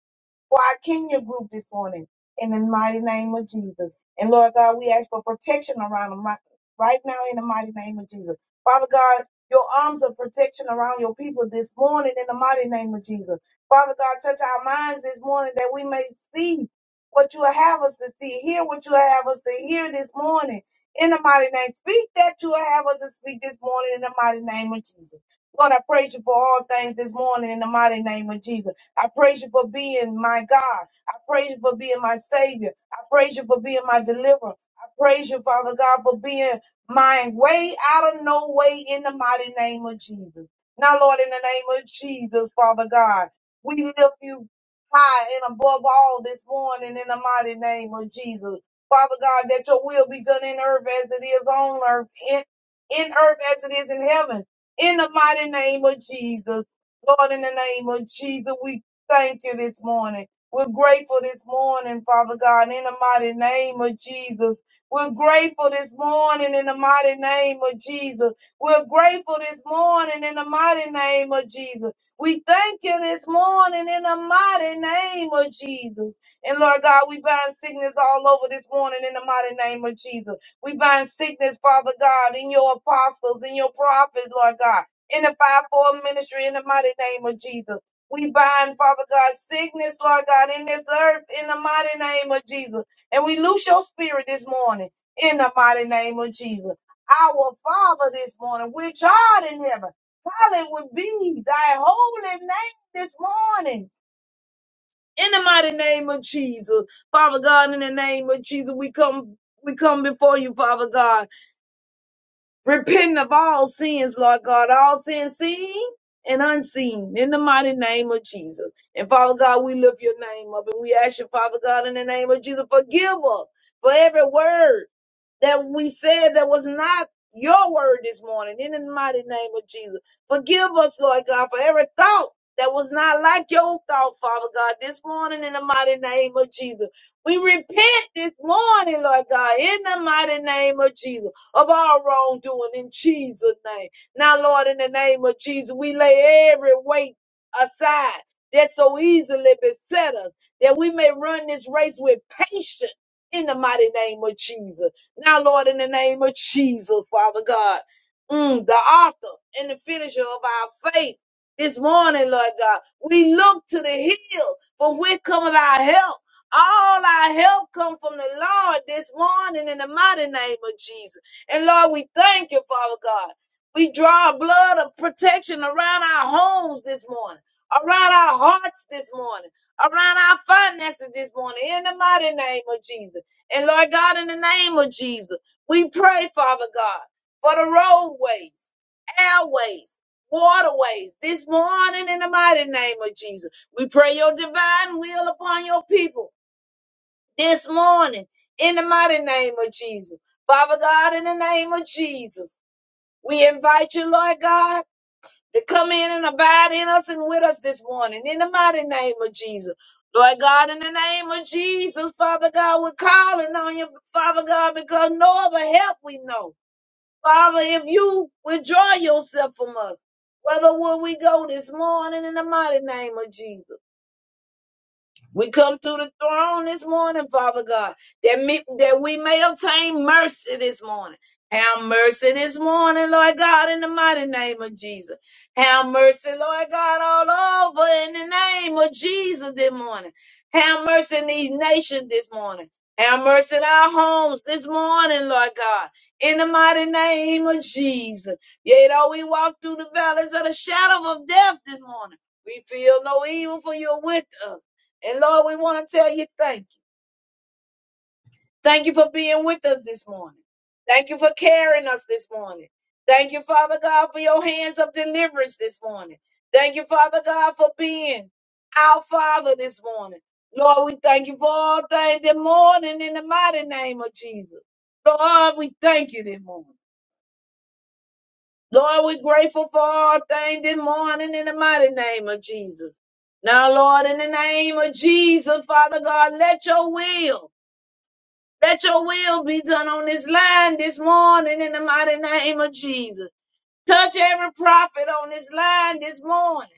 C: for our Kenya group this morning in the mighty name of Jesus. And Lord God, we ask for protection around them right right now in the mighty name of Jesus. Father God, your arms of protection around your people this morning in the mighty name of Jesus. Father God, touch our minds this morning that we may see what you have us to see, hear what you have us to hear this morning in the mighty name. Speak that you have us to speak this morning in the mighty name of Jesus. Lord, I praise you for all things this morning in the mighty name of Jesus. I praise you for being my God. I praise you for being my Savior. I praise you for being my deliverer. I praise you, Father God, for being my way out of no way in the mighty name of Jesus. Now, Lord, in the name of Jesus, Father God, we lift you high and above all this morning in the mighty name of Jesus. Father God, that your will be done in earth as it is on earth, in, in earth as it is in heaven. In the mighty name of Jesus. Lord, in the name of Jesus, we Thank you this morning. We're grateful this morning, Father God, in the mighty name of Jesus. We're grateful this morning in the mighty name of Jesus. We're grateful this morning in the mighty name of Jesus. We thank you this morning in the mighty name of Jesus. And Lord God, we bind sickness all over this morning in the mighty name of Jesus. We bind sickness, Father God, in your apostles, in your prophets, Lord God, in the fivefold ministry in the mighty name of Jesus. We bind, Father God, sickness, Lord God, in this earth in the mighty name of Jesus. And we loose your spirit this morning in the mighty name of Jesus. Our Father this morning, which art in heaven, hallowed be thy holy name this morning. In the mighty name of Jesus. Father God, in the name of Jesus, we come we come before you, Father God. Repenting of all sins, Lord God, all sins seen and unseen, in the mighty name of Jesus. And Father God, we lift your name up and we ask you, Father God, in the name of Jesus, forgive us for every word that we said that was not your word this morning in the mighty name of Jesus. Forgive us, Lord God, for every thought that was not like your thought, Father God, this morning in the mighty name of Jesus. We repent this morning, Lord God, in the mighty name of Jesus, of our wrongdoing in Jesus' name. Now, Lord, in the name of Jesus, we lay every weight aside that so easily beset us, that we may run this race with patience in the mighty name of Jesus. Now, Lord, in the name of Jesus, Father God, mm, the author and the finisher of our faith. This morning, Lord God, we look to the hill from where cometh our help. All our help come from the Lord this morning in the mighty name of Jesus. And Lord, we thank you, Father God. We draw a blood of protection around our homes this morning, around our hearts this morning, around our finances this morning, in the mighty name of Jesus. And Lord God, in the name of Jesus, we pray, Father God, for the roadways, airways, waterways this morning in the mighty name of Jesus. We pray your divine will upon your people this morning in the mighty name of Jesus. Father God, in the name of Jesus, we invite you, Lord God to come in and abide in us and with us this morning in the mighty name of Jesus. Lord God, in the name of Jesus, Father God, we're calling on you, Father God, because no other help we know. Father, if you withdraw yourself from us, whether will we go this morning in the mighty name of Jesus? We come to the throne this morning, Father God, that, me, that we may obtain mercy this morning. Have mercy this morning, Lord God, in the mighty name of Jesus. Have mercy, Lord God, all over in the name of Jesus this morning. Have mercy in these nations this morning. Have mercy in our homes this morning, Lord God, in the mighty name of Jesus. Yea, though we walk through the valleys of the shadow of death this morning, we feel no evil for you're with us. And Lord, we want to tell you thank you. Thank you for being with us this morning. Thank you for carrying us this morning. Thank you, Father God, for your hands of deliverance this morning. Thank you, Father God, for being our Father this morning. Lord, we thank you for all things this morning in the mighty name of Jesus. Lord, we thank you this morning. Lord, we're grateful for all things this morning in the mighty name of Jesus. Now, Lord, in the name of Jesus, Father God, let your will Let your will be done on this line this morning in the mighty name of Jesus. Touch every prophet on this line this morning.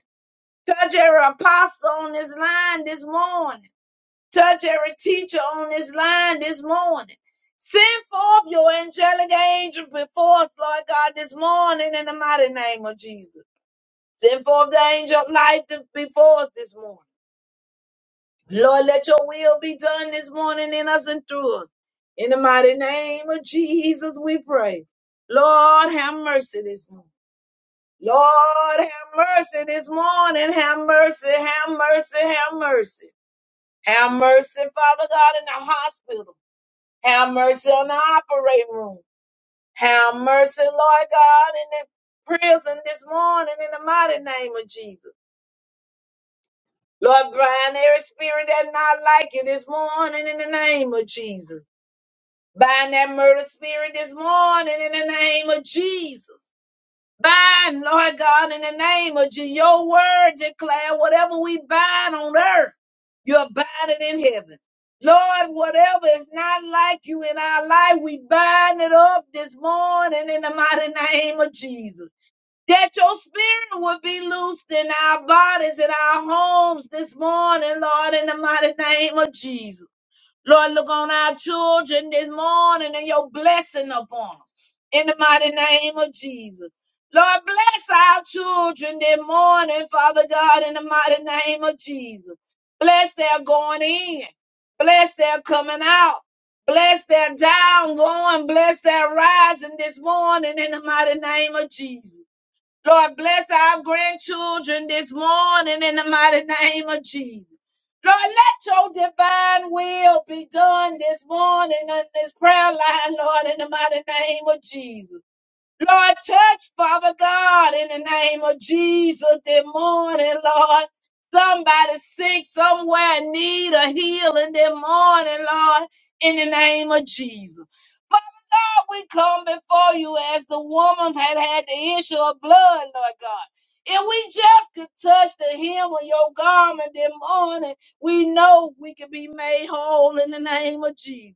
C: Touch every apostle on this line this morning. Touch every teacher on this line this morning. Send forth your angelic angel before us, Lord God, this morning in the mighty name of Jesus. Send forth the angel of life before us this morning. Lord, let your will be done this morning in us and through us. In the mighty name of Jesus, we pray. Lord, have mercy this morning. Lord, have mercy this morning. Have mercy, have mercy, have mercy. Have mercy, Father God, in the hospital. Have mercy on the operating room. Have mercy, Lord God, in the prison this morning in the mighty name of Jesus. Lord, blind every spirit that's not like you this morning in the name of Jesus. Bind that murder spirit this morning in the name of Jesus. Bind, Lord God, in the name of Jesus. Your word declare whatever we bind on earth, you're binding in heaven. Lord, whatever is not like you in our life, we bind it up this morning in the mighty name of Jesus. That your spirit would be loosed in our bodies, in our homes this morning, Lord, in the mighty name of Jesus. Lord, look on our children this morning and your blessing upon them. In the mighty name of Jesus. Lord, bless our children this morning, Father God, in the mighty name of Jesus. Bless their going in. Bless their coming out. Bless their down going. Bless their rising this morning in the mighty name of Jesus. Lord, bless our grandchildren this morning in the mighty name of Jesus. Lord, let your divine will be done this morning on this prayer line, Lord, in the mighty name of Jesus. Lord, touch, Father God, in the name of Jesus this morning, Lord. Somebody sick somewhere need a healing this morning, Lord, in the name of Jesus. Father God, we come before you as the woman had had the issue of blood, Lord God. If we just could touch the hem of your garment this morning, we know we could be made whole in the name of Jesus.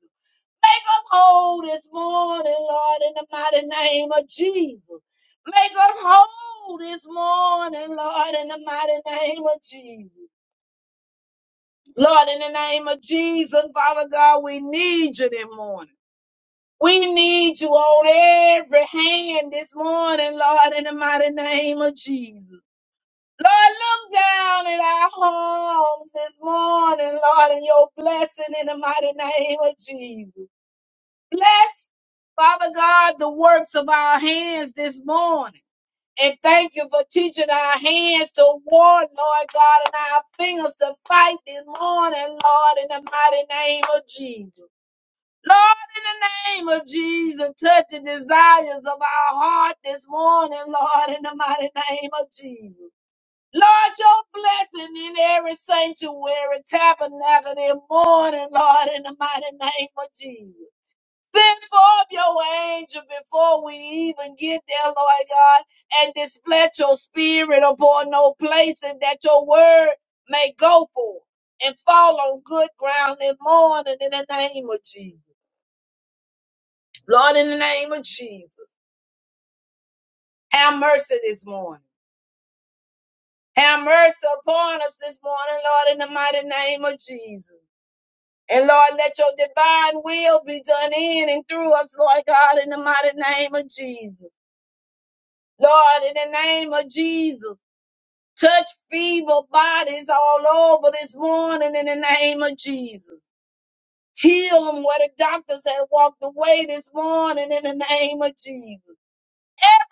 C: Make us whole this morning, Lord, in the mighty name of Jesus. Make us whole this morning, Lord, in the mighty name of Jesus. Lord, in the name of Jesus, Father God, we need you this morning. We need you on every hand this morning, Lord, in the mighty name of Jesus. Lord, look down at our homes this morning, Lord, in your blessing in the mighty name of Jesus. Bless, Father God, the works of our hands this morning. And thank you for teaching our hands to war, Lord God, and our fingers to fight this morning, Lord, in the mighty name of Jesus. Lord, in the name of Jesus, touch the desires of our heart this morning, Lord, in the mighty name of Jesus. Lord, your blessing in every sanctuary, tabernacle, and morning, Lord, in the mighty name of Jesus. Send forth your angel before we even get there, Lord God, and dispatch your spirit upon no places that your word may go forth and fall on good ground and morning in the name of Jesus. Lord, in the name of Jesus, have mercy this morning. Have mercy upon us this morning, Lord, in the mighty name of Jesus. And Lord, let your divine will be done in and through us, Lord God, in the mighty name of Jesus. Lord, in the name of Jesus, touch feeble bodies all over this morning in the name of Jesus. Heal them where the doctors have walked away this morning in the name of Jesus.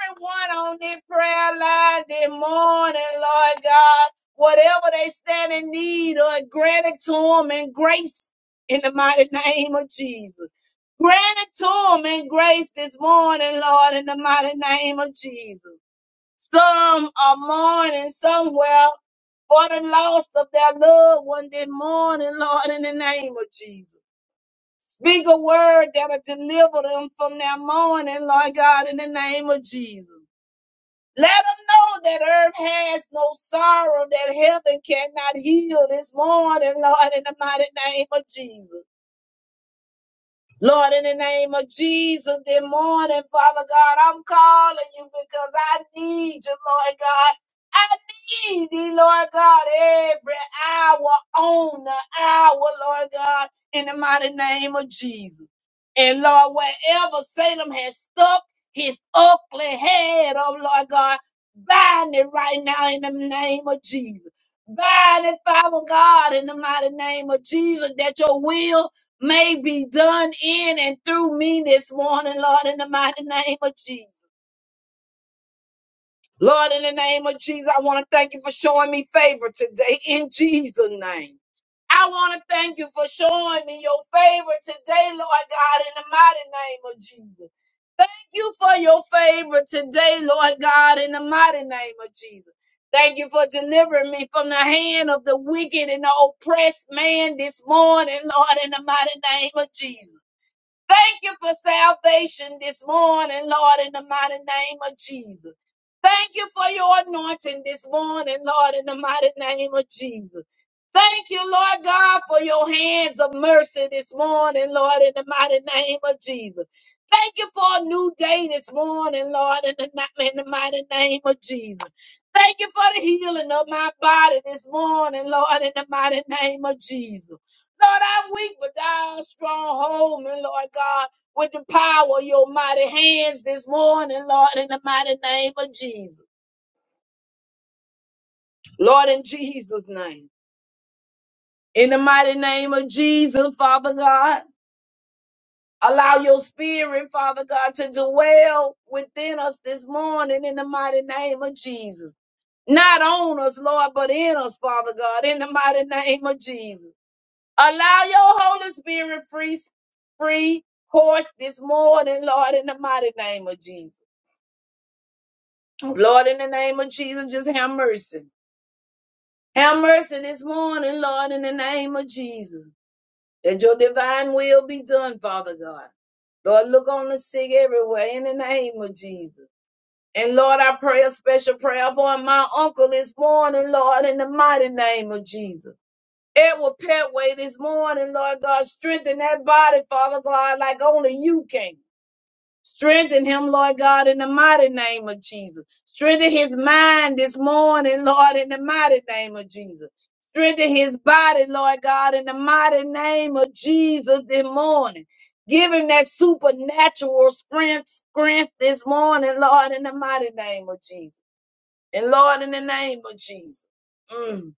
C: Everyone on this prayer line this morning, Lord God, whatever they stand in need of, grant it to them in grace in the mighty name of Jesus. Grant it to them in grace this morning, Lord, in the mighty name of Jesus. Some are mourning somewhere for the loss of their loved one this morning, Lord, in the name of Jesus. Speak a word that'll deliver them from their mourning, Lord God, in the name of Jesus. Let them know that earth has no sorrow, that heaven cannot heal this morning, Lord, in the mighty name of Jesus. Lord, in the name of Jesus, this morning, Father God, I'm calling you because I need you, Lord God. I need you, Lord God, every hour on the hour, Lord God, in the mighty name of Jesus. And Lord, wherever Satan has stuck his ugly head on, Lord God, bind it right now in the name of Jesus. Bind it, Father God, in the mighty name of Jesus, that your will may be done in and through me this morning, Lord, in the mighty name of Jesus. Lord, in the name of Jesus, I want to thank you for showing me favor today in Jesus' name. I want to thank you for showing me your favor today, Lord God, in the mighty name of Jesus. Thank you for your favor today, Lord God, in the mighty name of Jesus. Thank you for delivering me from the hand of the wicked and the oppressed man this morning, Lord, in the mighty name of Jesus. Thank you for salvation this morning, Lord, in the mighty name of Jesus. Thank you for your anointing this morning, Lord, in the mighty name of Jesus. Thank you, Lord God, for your hands of mercy this morning, Lord, in the mighty name of Jesus. Thank you for a new day this morning, Lord, in the, ni- in the mighty name of Jesus. Thank you for the healing of my body this morning, Lord, in the mighty name of Jesus. Lord, I'm weak, but thou strong, hold me, Lord God, with the power of your mighty hands this morning, Lord, in the mighty name of Jesus. Lord, in Jesus' name. In the mighty name of Jesus, Father God, allow your spirit, Father God, to dwell within us this morning in the mighty name of Jesus. Not on us, Lord, but in us, Father God, in the mighty name of Jesus. Allow your Holy Spirit free, free course this morning, Lord, in the mighty name of Jesus. Lord, in the name of Jesus, just have mercy. Have mercy this morning, Lord, in the name of Jesus. That your divine will be done, Father God. Lord, look on the sick everywhere in the name of Jesus. And Lord, I pray a special prayer upon my uncle this morning, Lord, in the mighty name of Jesus. Edward Petway this morning, Lord God. Strengthen that body, Father God, like only you can. Strengthen him, Lord God, in the mighty name of Jesus. Strengthen his mind this morning, Lord, in the mighty name of Jesus. Strengthen his body, Lord God, in the mighty name of Jesus this morning. Give him that supernatural strength, strength this morning, Lord, in the mighty name of Jesus. And Lord, in the name of Jesus. Mm.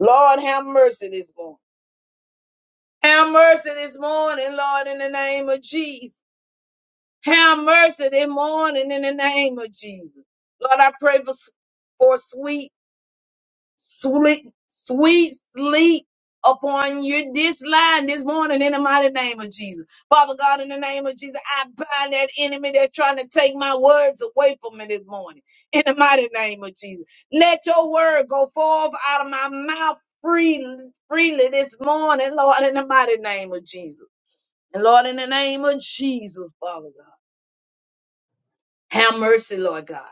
C: Lord, have mercy this morning. Have mercy this morning, Lord, in the name of Jesus. Have mercy this morning in the name of Jesus. Lord, I pray for, for sweet, sweet, sweet sleep upon you this line this morning in the mighty name of Jesus. Father God, in the name of Jesus, I bind that enemy that's trying to take my words away from me this morning in the mighty name of Jesus. Let your word go forth out of my mouth freely, freely this morning, Lord, in the mighty name of Jesus. And Lord, in the name of Jesus, Father God, have mercy, Lord God.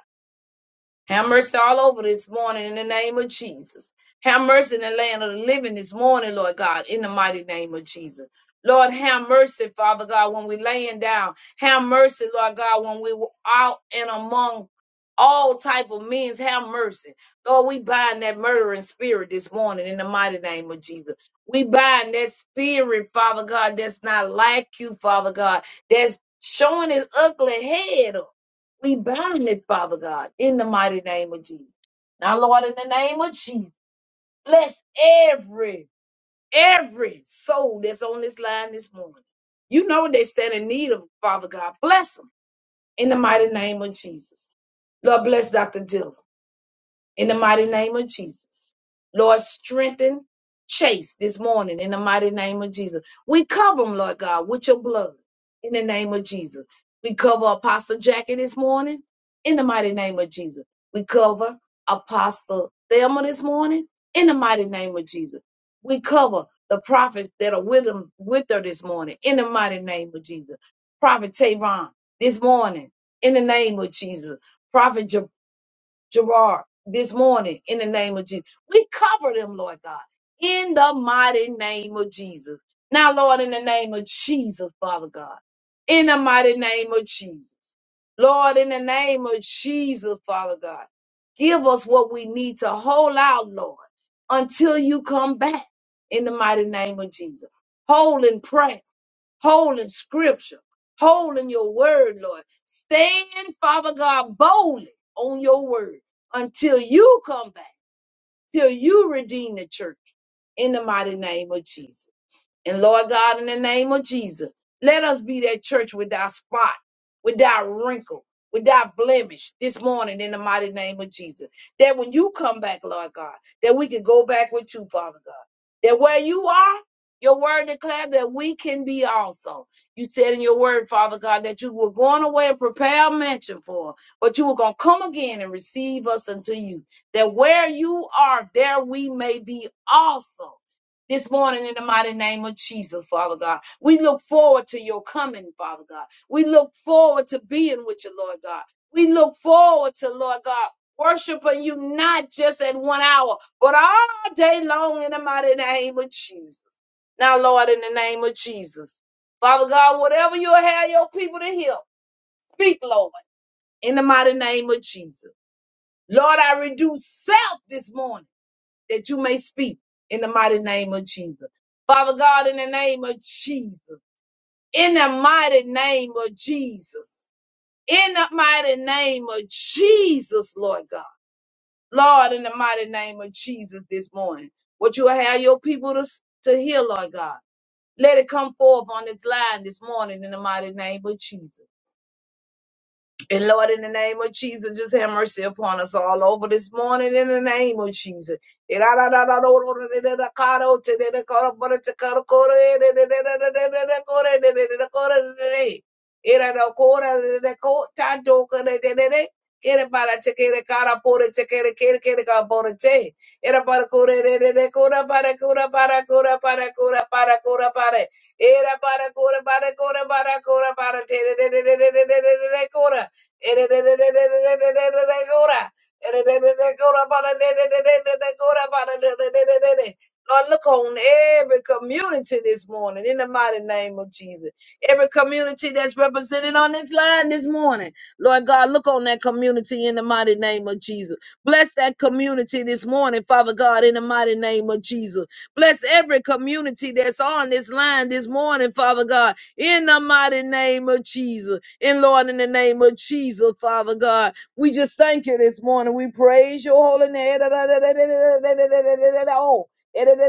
C: Have mercy all over this morning in the name of Jesus. Have mercy in the land of the living this morning, Lord God, in the mighty name of Jesus. Lord, have mercy, Father God, when we're laying down. Have mercy, Lord God, when we are out and among all type of means. Have mercy. Lord, we bind that murdering spirit this morning in the mighty name of Jesus. We bind that spirit, Father God, that's not like you, Father God, that's showing his ugly head up. We bind it, Father God, in the mighty name of Jesus. Now, Lord, in the name of Jesus, bless every, every soul that's on this line this morning. You know they stand in need of, Father God. Bless them in the mighty name of Jesus. Lord, bless Dr. Dillon in the mighty name of Jesus. Lord, strengthen Chase this morning in the mighty name of Jesus. We cover him, Lord God, with your blood in the name of Jesus. We cover Apostle Jackie this morning in the mighty name of Jesus. We cover Apostle Thelma this morning in the mighty name of Jesus. We cover the prophets that are with him with her this morning in the mighty name of Jesus. Prophet Tavon this morning in the name of Jesus. Prophet Gerard this morning in the name of Jesus. We cover them, Lord God, in the mighty name of Jesus. Now, Lord, in the name of Jesus, Father God, in the mighty name of Jesus. Lord, in the name of Jesus, Father God, give us what we need to hold out, Lord, until you come back in the mighty name of Jesus. Hold and pray whole in scripture, whole in your word, Lord. Stand, Father God, boldly on your word until you come back, till you redeem the church in the mighty name of Jesus. And Lord God, in the name of Jesus, let us be that church without spot, without wrinkle, without blemish this morning in the mighty name of Jesus. That when you come back, Lord God, that we can go back with you, Father God. That where you are, your word declared that we can be also. You said in your word, Father God, that you were going away and prepare a mansion for, us, but you were going to come again and receive us unto you. That where you are, there we may be also this morning in the mighty name of Jesus, Father God. We look forward to your coming, Father God. We look forward to being with you, Lord God. We look forward to, Lord God, worshiping you not just at one hour, but all day long in the mighty name of Jesus. Now, Lord, in the name of Jesus, Father God, whatever you have your people to hear, speak, Lord, in the mighty name of Jesus. Lord, I reduce self this morning that you may speak in the mighty name of Jesus. Father God, in the name of Jesus, in the mighty name of Jesus, in the mighty name of Jesus, Lord God. Lord, in the mighty name of Jesus this morning, what you have your people to, to hear, Lord God. Let it come forth on this line this morning in the mighty name of Jesus. And Lord, in the name of Jesus, just have mercy upon us all over this morning in the name of Jesus. ere. Lord, look on every community this morning in the mighty name of Jesus. Every community that's represented on this line this morning. Lord God, look on that community in the mighty name of Jesus. Bless that community this morning, Father God, in the mighty name of Jesus. Bless every community that's on this line this morning, Father God, in the mighty name of Jesus. And Lord, in the name of Jesus, Father God, we just thank you this morning. We praise your holy name. Blessing,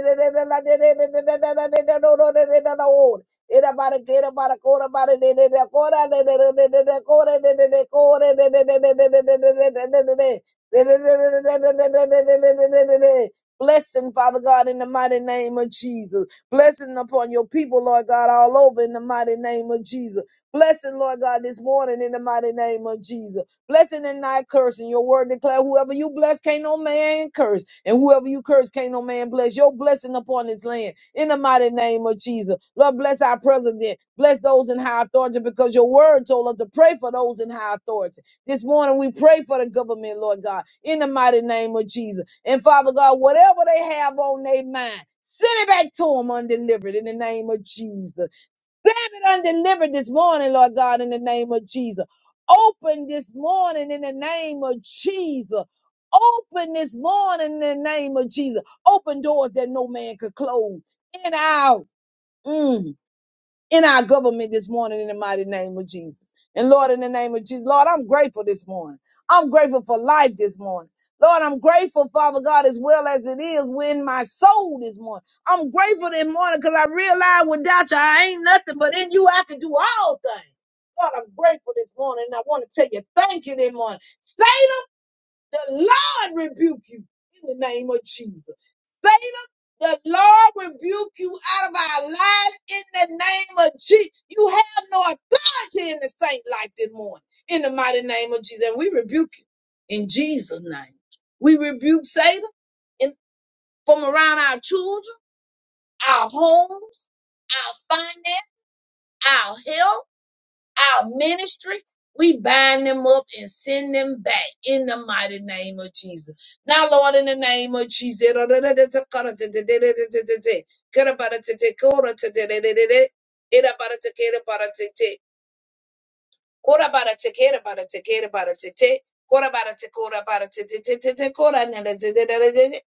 C: Father God, in the mighty name of Jesus. Blessing upon your people, Lord God, all over in the mighty name of Jesus. Blessing, Lord God, this morning in the mighty name of Jesus. Blessing and not cursing. Your word declare whoever you bless, can't no man curse. And whoever you curse, can't no man bless. Your blessing upon this land. In the mighty name of Jesus. Lord, bless our president. Bless those in high authority because your word told us to pray for those in high authority. This morning we pray for the government, Lord God, in the mighty name of Jesus. And Father God, whatever they have on their mind, send it back to them undelivered in the name of Jesus. Grab it undelivered this morning, Lord God, in the name of Jesus. Open this morning in the name of Jesus. Open this morning in the name of Jesus. Open doors that no man could close. In out. Mm in our government this morning in the mighty name of Jesus. And Lord, in the name of Jesus, Lord, I'm grateful this morning. I'm grateful for life this morning. Lord, I'm grateful, Father God, as well as it is within my soul this morning. I'm grateful this morning because I realize without you, I ain't nothing, but in you, I can do all things. Lord, I'm grateful this morning, and I want to tell you thank you this morning. Say the Lord rebuke you in the name of Jesus. Satan, the Lord rebuke you out of our lives in the name of Jesus. You have no authority in the saint life this morning in the mighty name of Jesus. And we rebuke you in Jesus' name. We rebuke Satan in, from around our children, our homes, our finance, our health our ministry, we bind them up and send them back in the mighty name of Jesus. Now, Lord, in the name of Jesus, Kora bara te kera bara te kera bara te te. Kora bara te kora bara te te te te te kora nele te te te te te.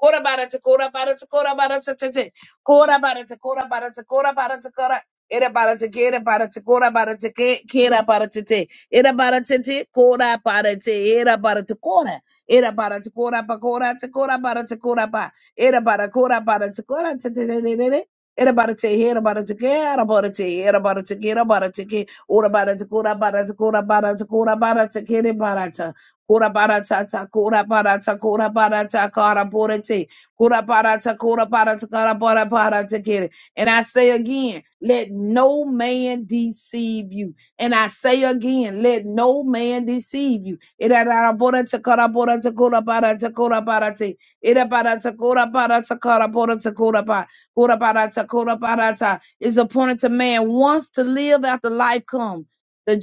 C: Kora bara te kora bara te kora bara te te te. Kora bara te kora bara te kora bara te kora. Era bara te kera bara te kora bara te ke kera bara te te. Era bara te te kora bara te era bara te kora. Era bara te kora pa kora te kora bara te kora pa. Era bara kora bara te kora te te te te te. Era bara te era bara te kera bara te era bara te kera bara te ke. Ora barata, kora barata, kora barata, kora barata, kere barata. Kora barata, ta, kora barata, kora barata, kara borate. Kora barata, kora barata, kara bara barata, kere. And I say again, let no man deceive you. And I say again, let no man deceive you. Ira bara borata, kara borata, kora barata, kora barate. Ira barata, kora barata, kara borata, kora barata. Kora barata, kora barata is appointed to man once to live after life come the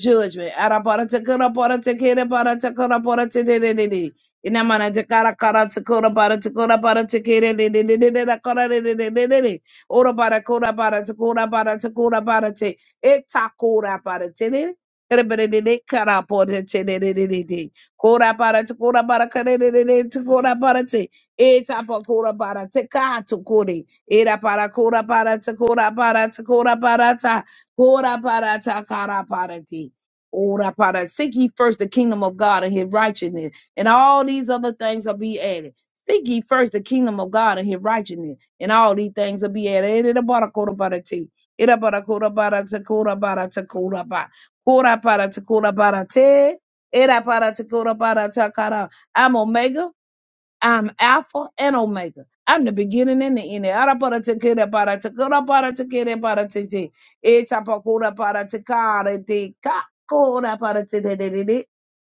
C: judgment. Araparatakaraparatakaraparatakaraparatatatatatata. Era para cora para ta cora para ta cora para ta cora para ta cara para ti. Ora para seek ye first the kingdom of God and his righteousness, and all these other things will be added. Seek ye first the kingdom of God and his righteousness, and all these things will be added. Era para cora para ti. Era para cora para ta cora para ta cora para cora para ta cora para te. Era para ta cora para ta cara. I'm Omega. I'm Alpha and Omega. I'm the beginning and the end. Ara para te kere para te kora para te kere para te te. E tapa kora para te kare te ka kora para te te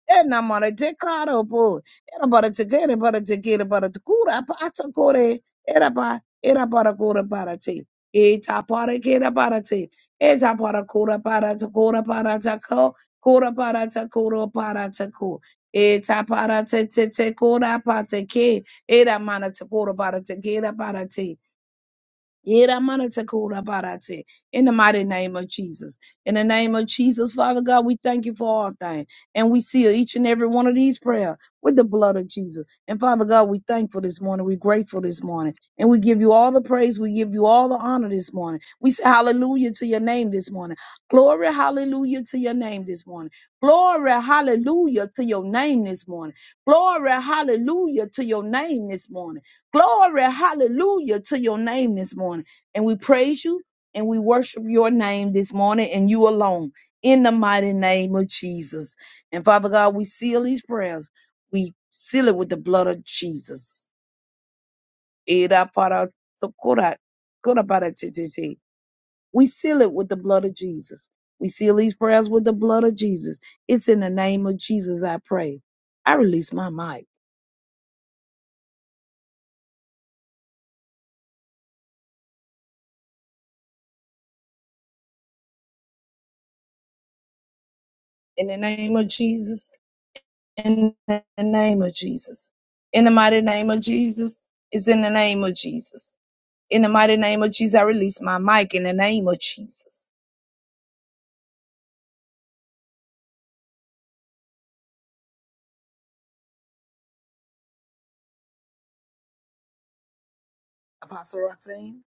C: ena mara de caro po era para te quere para te quere para te cura para te core era pa era para cura para te e ta para que era para te e ta para cura para te cura para te co cura para te cura para te co e ta para te te te cura para te que era mana te cura para te que era para te Yeramanatakurabarate, In the mighty name of Jesus. In the name of Jesus, Father God, we thank you for all things. And we seal each and every one of these prayers with the blood of Jesus. And Father God, we thankful this morning. We're grateful this morning. And we give you all the praise. We give you all the honor this morning. We say hallelujah to your name this morning. Glory, hallelujah to your name this morning. Glory, hallelujah to your name this morning. Glory, hallelujah to your name this morning. Glory, hallelujah to your name this morning. And we praise you and we worship your name this morning and you alone in the mighty name of Jesus. And Father God, we seal these prayers. We seal it with the blood of Jesus. Era para socora- cora para ti- ti- ti. We seal it with the blood of Jesus. We seal these prayers with the blood of Jesus. It's in the name of Jesus I pray. I release my mic. In the name of Jesus. in the name of Jesus. In the mighty name of Jesus is in the name of Jesus. In the mighty name of Jesus, I release my mic in the name of Jesus. Apostle Roxanne,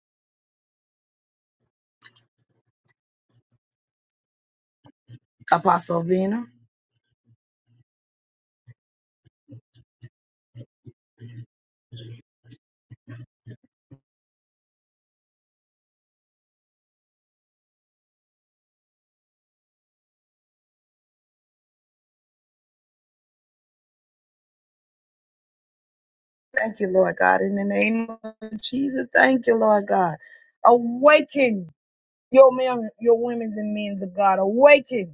C: Apostle Vina. Thank you, Lord God. In the name of Jesus, thank you, Lord God. Awaken your men, your women's and men's of God. Awaken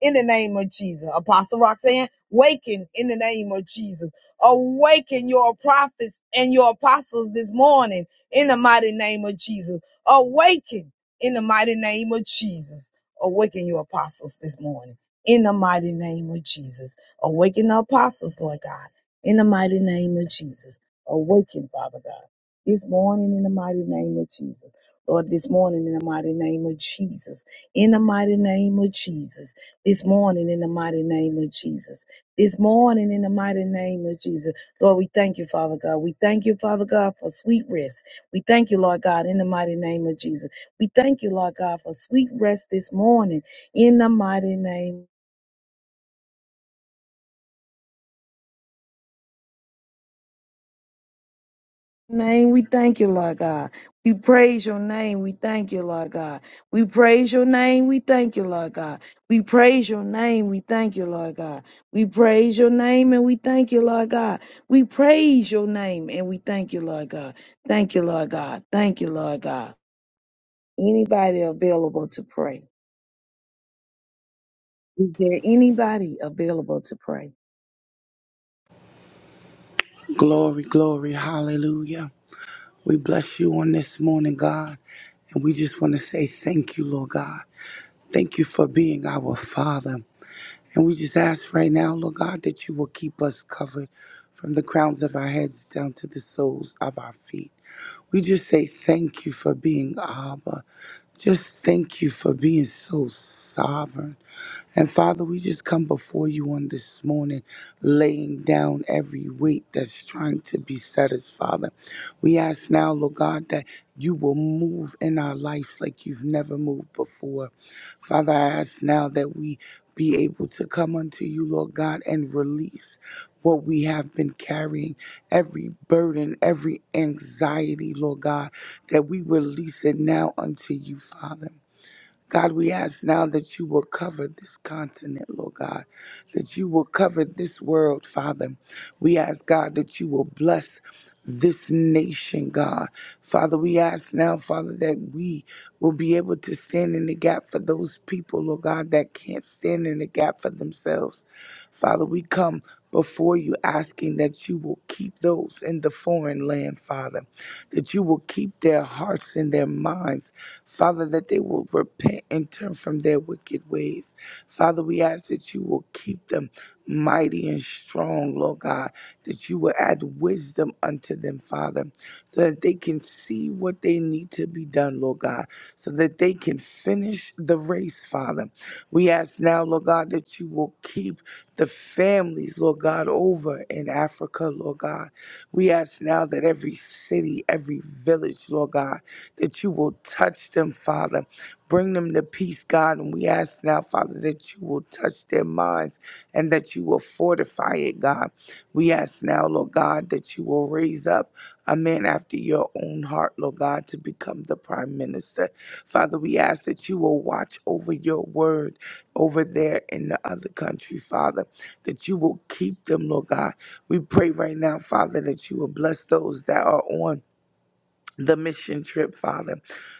C: in the name of Jesus. Apostle Roxanne, waken in the name of Jesus. Awaken your prophets and your apostles this morning in the mighty name of Jesus. Awaken in the mighty name of Jesus. Awaken your apostles this morning in the mighty name of Jesus. Awaken the apostles, Lord God, in the mighty name of Jesus. Awaken, Father God, this morning in the mighty name of Jesus. Lord, this morning in the mighty name of Jesus. In the mighty name of Jesus this morning in the mighty name of Jesus. This morning in the mighty name of Jesus. Lord, we thank you, Father God. We thank you, Father God, for sweet rest. We thank you, Lord God, in the mighty name of Jesus. We thank you, Lord God, for sweet rest this morning in the mighty name. name. We thank you, Lord God. We praise your name. We thank you, Lord God. We praise your name. We thank you, Lord God. We praise your name. We thank you, Lord God. We praise your name and we thank you, Lord God. We praise your name and we thank you, Lord God. Thank you, Lord God. Thank you, Lord God. Anybody available to pray? Is there anybody available to pray?
D: Glory, glory, hallelujah. We bless you on this morning, God. And we just want to say thank you, Lord God. Thank you for being our Father. And we just ask right now, Lord God, that you will keep us covered from the crowns of our heads down to the soles of our feet. We just say thank you for being Abba. Just thank you for being so sovereign. And Father, we just come before you on this morning, laying down every weight that's trying to beset us, Father. We ask now, Lord God, that you will move in our life like you've never moved before. Father, I ask now that we be able to come unto you, Lord God, and release what we have been carrying, every burden, every anxiety, Lord God, that we release it now unto you, Father. God, we ask now that you will cover this continent, Lord God, that you will cover this world, Father. We ask, God, that you will bless this nation, God. Father, we ask now, Father, that we will be able to stand in the gap for those people, Lord God, that can't stand in the gap for themselves. Father, we come before you asking that you will keep those in the foreign land, Father, that you will keep their hearts and their minds. Father, that they will repent and turn from their wicked ways. Father, we ask that you will keep them mighty and strong, Lord God, that you will add wisdom unto them, Father, so that they can see what they need to be done, Lord God, so that they can finish the race, Father. We ask now, Lord God, that you will keep the families, Lord God, over in Africa, Lord God. We ask now that every city, every village, Lord God, that you will touch them, Father. Bring them to peace, God. And we ask now, Father, that you will touch their minds and that you will fortify it, God. We ask now, Lord God, that you will raise up a man after your own heart, Lord God, to become the prime minister. Father, we ask that you will watch over your word over there in the other country, Father, that you will keep them, Lord God. We pray right now, Father, that you will bless those that are on the mission trip, Father,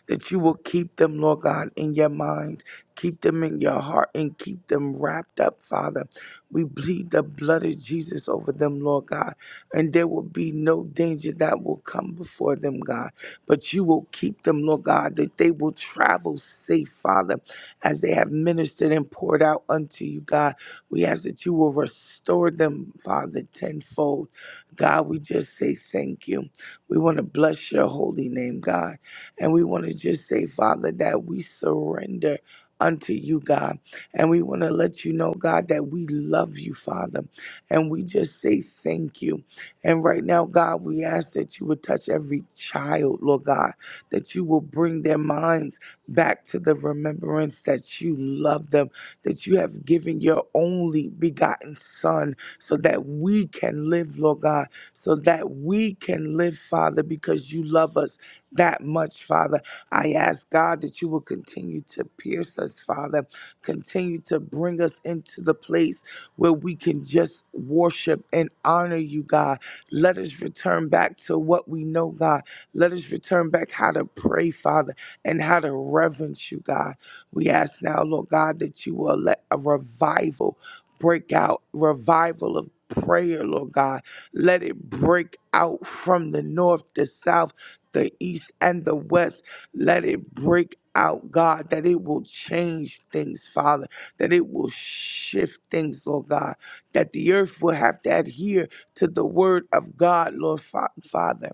D: that you will keep them, Lord God, in your mind, keep them in your heart, and keep them wrapped up, Father. We bleed the blood of Jesus over them, Lord God, and there will be no danger that will come before them, God. But you will keep them, Lord God, that they will travel safe, Father, as they have ministered and poured out unto you, God. We ask that you will restore them, Father, tenfold. God, we just say thank you. We want to bless your holy name, God. And we want to just say, Father, that we surrender unto you, God. And we want to let you know, God, that we love you, Father. And we just say thank you. And right now, God, we ask that you would touch every child, Lord God, that you will bring their minds back to the remembrance that you love them, that you have given your only begotten Son so that we can live, Lord God so that we can live, Father, because you love us that much, Father. I ask God that you will continue to pierce us, Father, continue to bring us into the place where we can just worship and honor you, God. Let us return back to what we know, God. Let us return back how to pray, Father, and how to reverence you, God. We ask now, Lord God, that you will let a revival break out, revival of prayer, Lord God let it break out from the north, the south, the east, and the west. Let it break out, God, that it will change things, Father, that it will shift things, Lord God, that the earth will have to adhere to the word of God, Lord Fa- Father.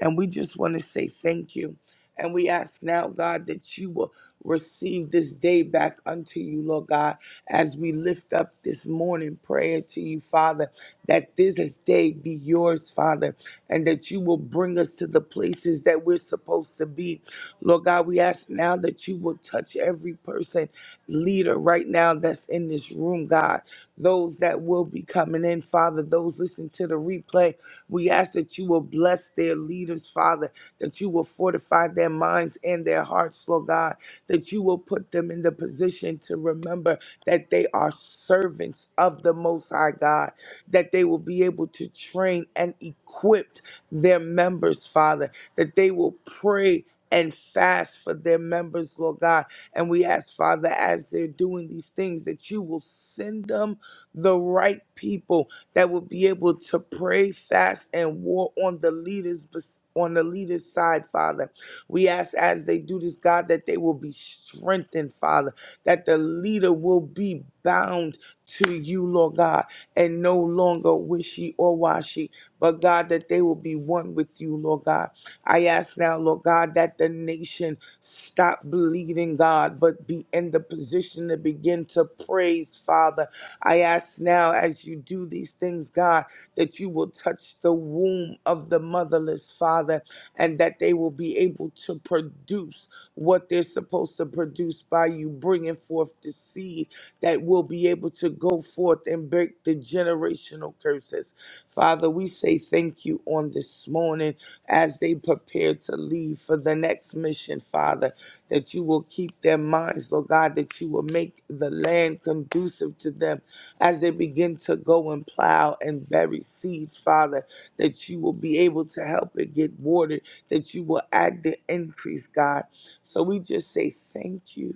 D: And we just want to say thank you. And we ask now, God, that you will receive this day back unto you, Lord God, as we lift up this morning prayer to you, Father that this day be yours, Father, and that you will bring us to the places that we're supposed to be. Lord God, we ask now that you will touch every person, leader right now that's in this room, God. Those that will be coming in, Father, those listening to the replay, we ask that you will bless their leaders, Father, that you will fortify their minds and their hearts, Lord God, that you will put them in the position to remember that they are servants of the Most High God that they will be able to train and equip their members, Father, that they will pray and fast for their members, Lord God. And we ask, Father, as they're doing these things, that you will send them the right people that will be able to pray, fast, and war on the leaders. bes- On the leader's side, Father. We ask as they do this, God, that they will be strengthened, Father, that the leader will be bound to you, Lord God, and no longer wishy or washy, but God, that they will be one with you, Lord God. I ask now, Lord God, that the nation stop bleeding, God, but be in the position to begin to praise, Father. I ask now, as you do these things, God, that you will touch the womb of the motherless, Father, and that they will be able to produce what they're supposed to produce by you bringing forth the seed that will be able to go forth and break the generational curses. Father, we say thank you on this morning as they prepare to leave for the next mission, Father, that you will keep their minds, Lord God, that you will make the land conducive to them as they begin to go and plow and bury seeds, Father, that you will be able to help it get watered, that you will add the increase, God. So we just say thank you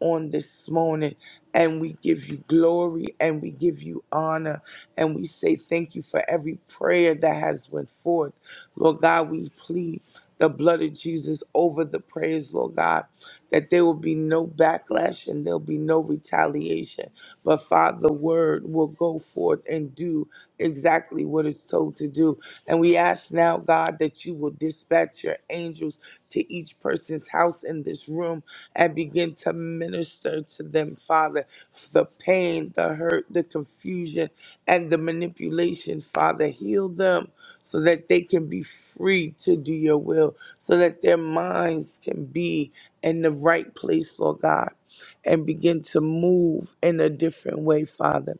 D: on this morning. And we give you glory and we give you honor. And we say thank you for every prayer that has went forth. Lord God, we plead the blood of Jesus over the prayers, Lord God, that there will be no backlash and there'll be no retaliation. But Father, the word will go forth and do exactly what it's told to do. And we ask now, God, that you will dispatch your angels to each person's house in this room and begin to minister to them, Father. The pain, the hurt, the confusion, and the manipulation, Father, heal them so that they can be free to do your will, so that their minds can be in the right place, Lord God, and begin to move in a different way, Father.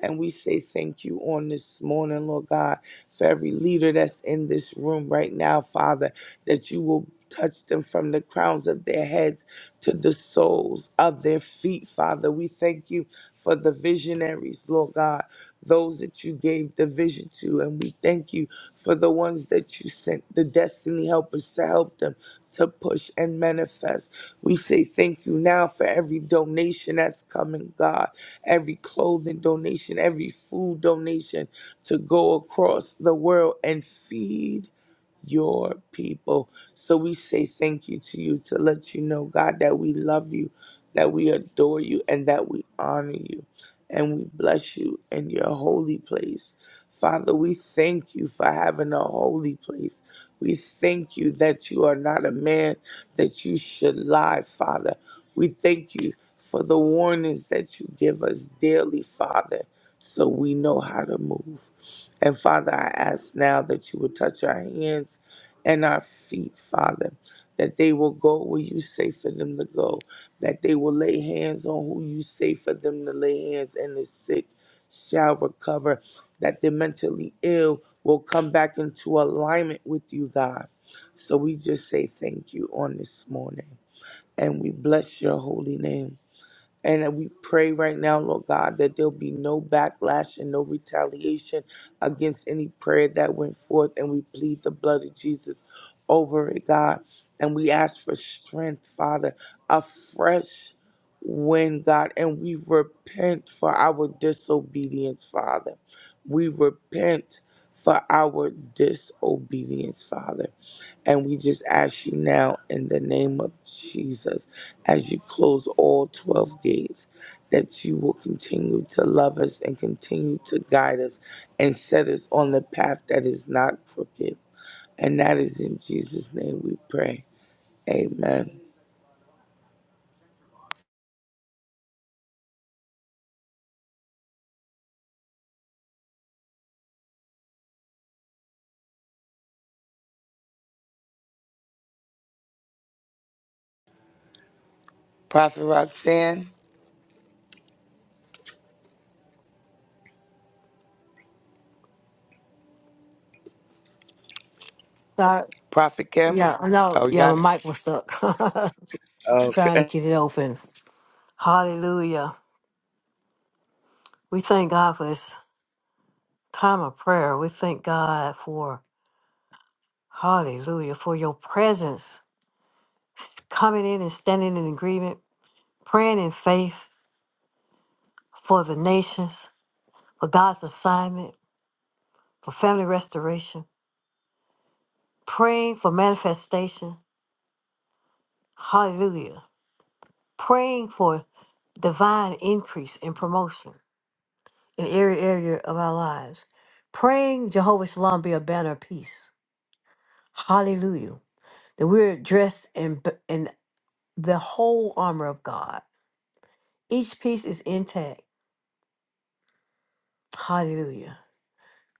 D: And we say thank you on this morning, Lord God, for every leader that's in this room right now, Father that you will touch them from the crowns of their heads to the soles of their feet, Father. We thank you for the visionaries, Lord God, those that you gave the vision to. And we thank you for the ones that you sent, the destiny helpers, to help them to push and manifest. We say thank you now for every donation that's coming, God, every clothing donation, every food donation to go across the world and feed your people. So we say thank you to you to let you know, God, that we love you, that we adore you, and that we honor you. And we bless you in your holy place. Father, we thank you for having a holy place. We thank you that you are not a man that you should lie, Father. We thank you for the warnings that you give us daily, Father, so we know how to move. And Father, I ask now that you would touch our hands and our feet, Father, that they will go where you say for them to go, that they will lay hands on who you say for them to lay hands, and the sick shall recover, that the mentally ill will come back into alignment with you, God. So we just say thank you on this morning, and we bless your holy name. And we pray right now, Lord God, that there'll be no backlash and no retaliation against any prayer that went forth. And we plead the blood of Jesus over it, God. And we ask for strength, Father, a fresh wind, God. And we repent for our disobedience, Father. We repent for our disobedience, Father. And we just ask you now in the name of Jesus, as you close all 12 gates, that you will continue to love us and continue to guide us and set us on the path that is not crooked. And that is in Jesus' name we pray. Amen. Prophet Roxanne,
A: Sorry.
D: Prophet Kim.
A: Yeah, no,
D: Oh, we
A: yeah,
D: got it.
A: my mic was stuck.
D: Okay.
A: Trying to get it open. Hallelujah. We thank God for this time of prayer. We thank God for, hallelujah, for your presence coming in and standing in agreement, praying in faith for the nations, for God's assignment, for family restoration, praying for manifestation. Hallelujah. praying for divine increase and promotion in every area of our lives. Praying Jehovah Shalom be a banner of peace. Hallelujah. That we're dressed in, b- in the whole armor of God. Each piece is intact. Hallelujah.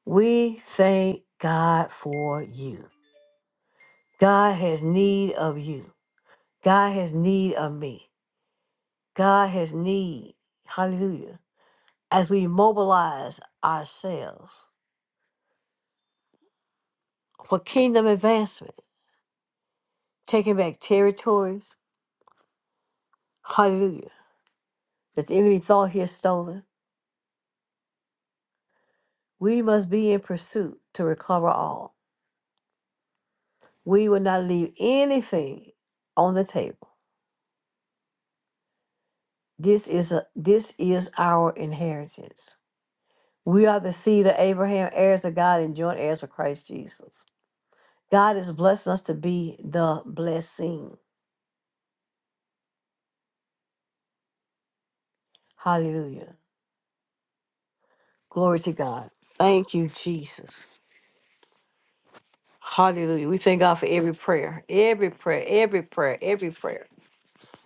A: We thank God for you. God has need of you. God has need of me. God has need. Hallelujah. As we mobilize ourselves for kingdom advancement, taking back territories. Hallelujah. That the enemy thought he had stolen. We must be in pursuit to recover all. We will not leave anything on the table. This is a this is our inheritance. We are the seed of Abraham, heirs of God, and joint heirs with Christ Jesus. God is blessing us to be the blessing. Hallelujah. Glory to God. Thank you, Jesus. Hallelujah. We thank God for every prayer, every prayer, every prayer, every prayer.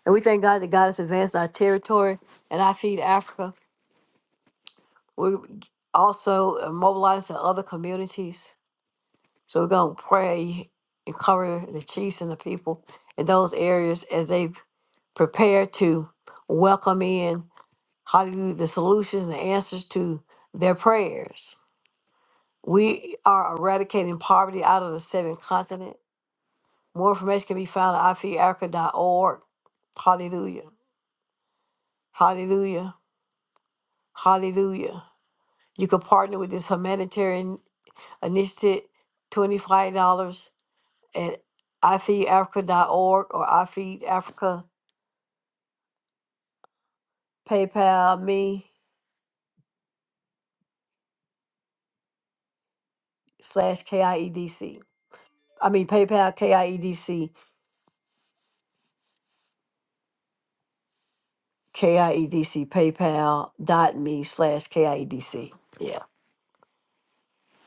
A: And we thank God that God has advanced our territory and I feed Africa. We also mobilize the other communities. So we're going to pray and cover the chiefs and the people in those areas as they prepare to welcome in, hallelujah, the solutions and the answers to their prayers. We are eradicating poverty out of the seven continents. More information can be found at ifeedafrica.org. Hallelujah. Hallelujah. Hallelujah. You can partner with this humanitarian initiative, $25 at ifeedafrica.org or ifeedafrica PayPal me slash KIEDC. I E D C. I mean PayPal KIEDC, KIEDC, PayPal dot me slash KIEDC. Yeah.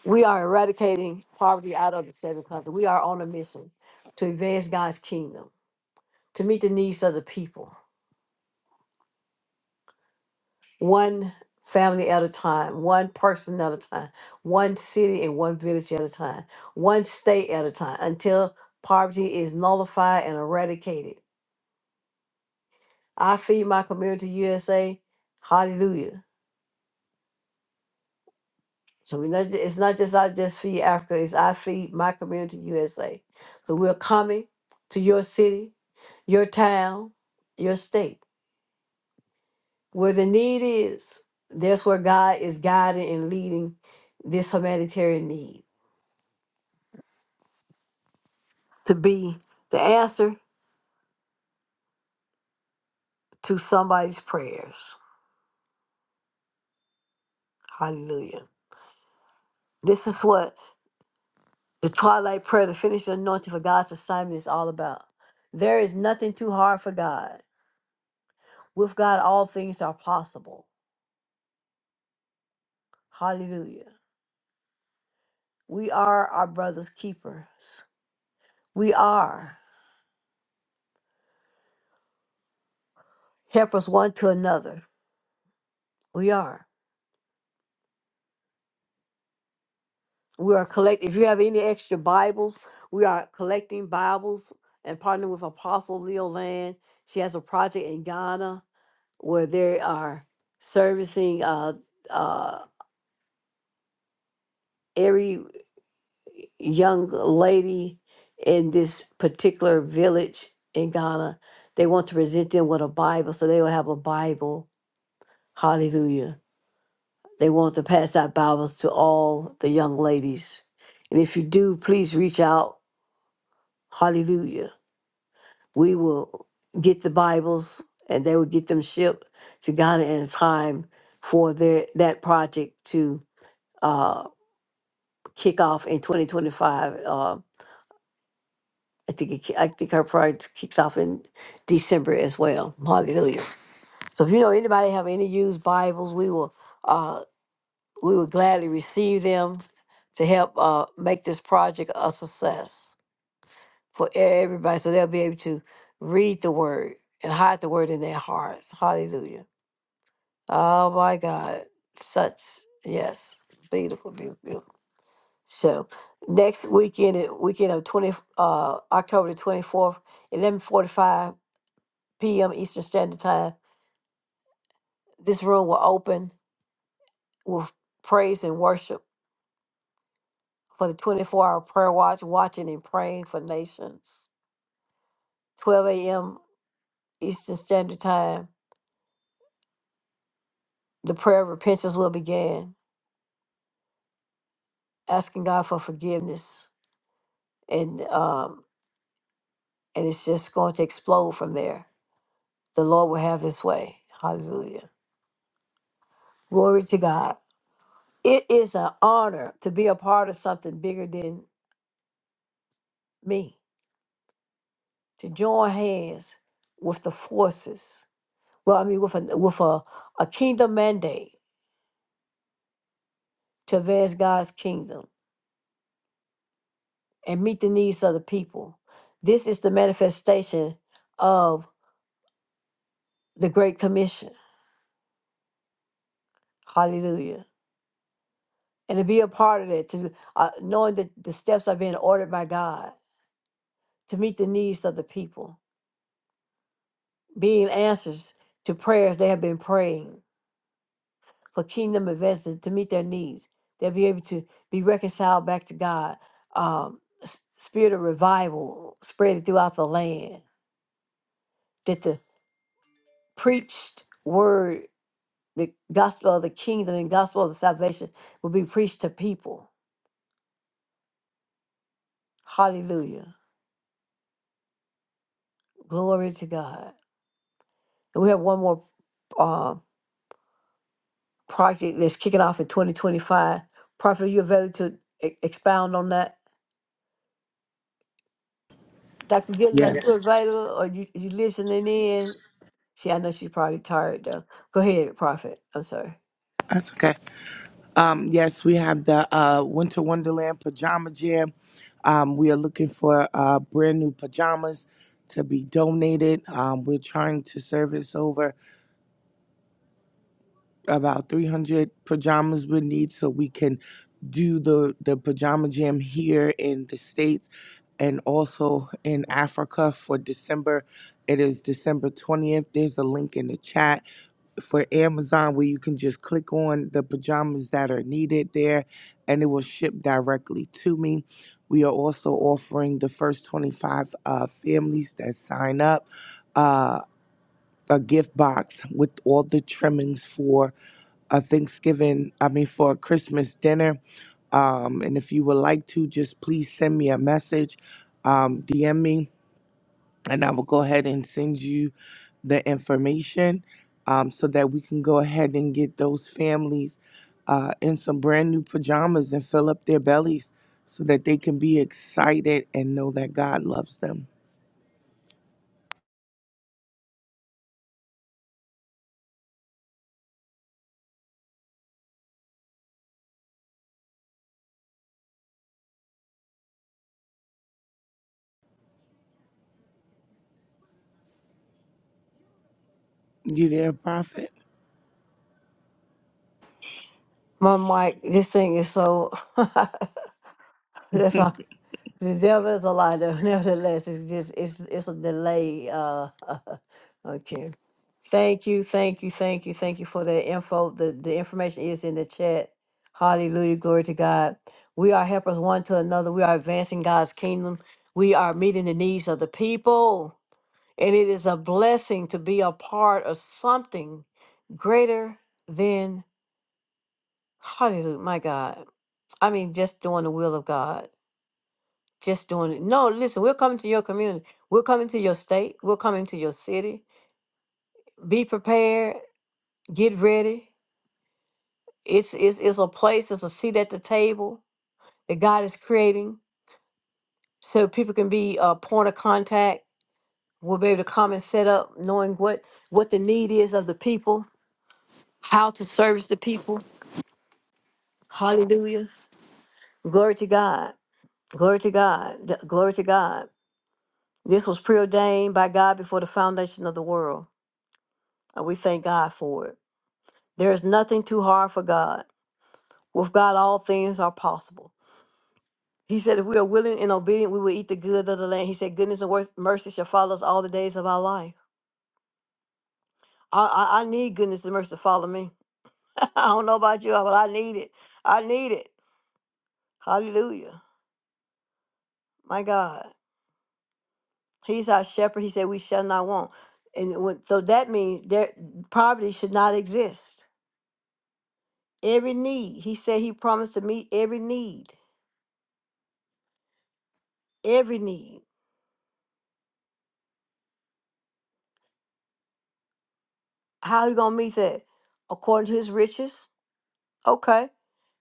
A: We are eradicating poverty out of the seven countries. We are on a mission to advance God's kingdom, to meet the needs of the people, one family at a time, one person at a time, one city and one village at a time, one state at a time, until poverty is nullified and eradicated. I feed my community USA. Hallelujah. So we not, it's not just I just feed Africa, it's I feed my community USA. So we're coming to your city. your town, your state, where the need is. That's where God is guiding and leading this humanitarian need to be the answer to somebody's prayers. Hallelujah. This is what the twilight prayer, the finished anointing for God's assignment is all about. There is nothing too hard for God. With God, all things are possible. Hallelujah. We are our brother's keepers. We are helpers one to another. We are. We are collect. if you have any extra Bibles, we are collecting Bibles and partnering with Apostle Leo Land. She has a project in Ghana where they are servicing uh, uh, every young lady in this particular village in Ghana. They want to present them with a Bible, so they will have a Bible. Hallelujah. They want to pass out Bibles to all the young ladies. And if you do, please reach out. Hallelujah we will get the Bibles and they will get them shipped to Ghana in time for their that project to uh, kick off in 2025. Uh, I think it, ki- I think her project kicks off in December as well. Hallelujah! So if you know anybody have any used Bibles, we will uh, we will gladly receive them to help uh, make this project a success for e, everybody, so they'll be able to read the Word and hide the Word in their hearts. Hallelujah! Oh my God. Such yes. Beautiful, beautiful, beautiful. So next weekend it- weekend of twenty uh October the twenty fourth, eleven forty five PM Eastern Standard Time. This room will open with praise and worship for the twenty four hour prayer watch, watching and praying for nations. Twelve AM Eastern Standard Time. The prayer of repentance will begin, asking God for forgiveness. And um and it's just going to explode from there The Lord will have his way. Hallelujah. Glory to God. It is an honor to be a part of something bigger than me, to join hands with the forces. Well, I mean, with a, with a, a kingdom mandate to advance God's kingdom and meet the needs of the people. This is the manifestation of the Great Commission. Hallelujah. And to be a part of that, to uh, knowing that the steps are being ordered by God to meet the needs of the people being answers to prayers they have been praying for kingdom events to, to meet their needs. They'll be able to be reconciled back to God. Um, s- spirit of revival spread throughout the land. That the preached word, the gospel of the kingdom and gospel of the salvation will be preached to people. Hallelujah. Glory to God. And we have one more uh, project that's kicking off in 2025. Prophet, are you available to e- expound on that? Dr. Dillon, are Yeah. you
D: Yes,
A: available or you, you listening in? See, I know she's probably tired though. Go ahead, Prophet. I'm sorry.
D: that's okay. Um, yes, we have the uh, Winter Wonderland Pajama Jam. Um, we are looking for uh, brand new pajamas to be donated. Um, we're trying to service over about 300 pajamas we need so we can do the, the pajama jam here in the States and also in Africa for December. It is December 20th. There's a link in the chat for Amazon where you can just click on the pajamas that are needed there and it will ship directly to me. We are also offering the first 25 uh, families that sign up uh, a gift box with all the trimmings for a Thanksgiving, I mean, for a Christmas dinner. Um, and if you would like to, just please send me a message, um, DM me and I will go ahead and send you the information um, so that we can go ahead and get those families uh, in some brand new pajamas and fill up their bellies so that they can be excited and know that God loves them. You there, Prophet?
A: My mic, this thing is so that's all. The devil is a lie though. Nevertheless, it's just it's it's a delay. Uh okay. Thank you, thank you, thank you, thank you for that info. The the information is in the chat. Hallelujah, glory to God. We are helpers one to another. We are advancing God's kingdom. We are meeting the needs of the people. And it is a blessing to be a part of something greater than hallelujah, my God. I mean, just doing the will of God. Just doing it. No, listen, we're coming to your community. We're coming to your state. We're coming to your city. Be prepared. Get ready. It's it's, it's a place, it's a seat at the table that God is creating so people can be a point of contact. We'll be able to come and set up knowing what what the need is of the people, how to service the people Hallelujah. Glory to God. Glory to God. D- Glory to God. This was preordained by God before the foundation of the world. And we thank God for it. There is nothing too hard for God. With God, all things are possible. He said, if we are willing and obedient, we will eat the good of the land. He said, goodness and worth, mercy shall follow us all the days of our life. I, I, I need goodness and mercy to follow me. I don't know about you, but I need it. I need it. Hallelujah. My God. He's our shepherd. He said, "We shall not want." And it would- so that means there poverty should not exist. Every need, he said, he promised to meet every need. Every need. How he gonna meet that? According to his riches. Okay,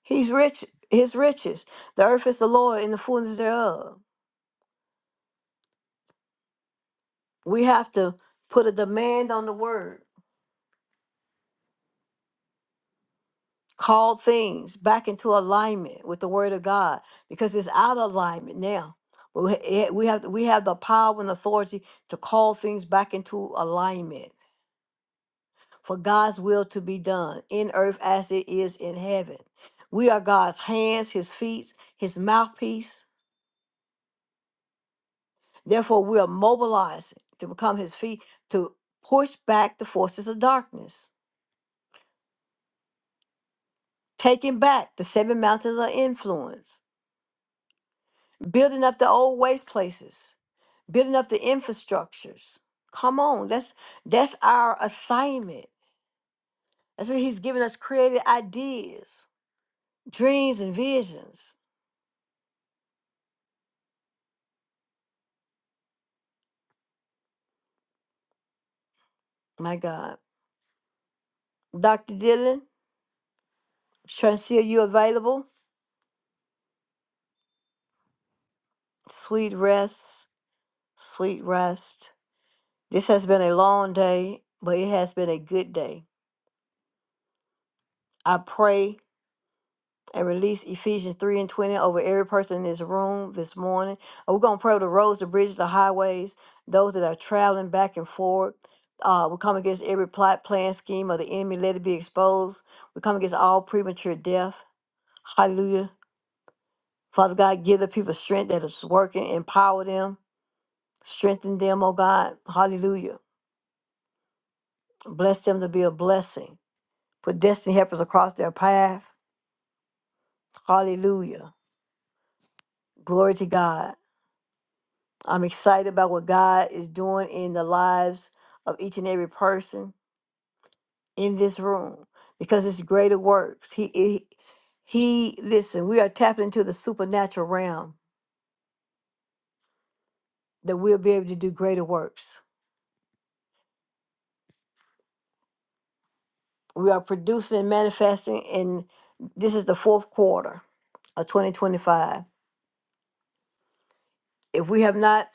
A: he's rich. His riches. The earth is the Lord and the fullness thereof. We have to put a demand on the word. call things back into alignment with the word of God because it's out of alignment now. But We eh, we have we have the power and authority to call things back into alignment for God's will to be done in earth as it is in heaven. We are God's hands, his feet, his mouthpiece. Therefore, we are mobilized to become his feet to push back the forces of darkness, taking back the seven mountains of influence, building up the old waste places, building up the infrastructures. Come on, that's that's our assignment. That's where he's giving us creative ideas, dreams, and visions. My God, Doctor Dylan, trying to see are you available? Sweet rest, sweet rest. This has been a long day, but it has been a good day. I pray and release Ephesians 3 and 20 over every person in this room this morning. And we're going to pray over the roads, the bridges, the highways, those that are traveling back and forth. Uh, we come against every plot, plan, scheme of the enemy. Let it be exposed. We come against all premature death. Hallelujah. Father God, give the people strength that is working. Empower them. Strengthen them, oh God. Hallelujah. Bless them to be a blessing. Put destiny helpers across their path. Hallelujah. Glory to God. I'm excited about what God is doing in the lives of each and every person in this room because it's greater works. He, he, he listen, we are tapping into the supernatural realm that we'll be able to do greater works. We are producing and manifesting, and this is the fourth quarter of 2025. If we have not,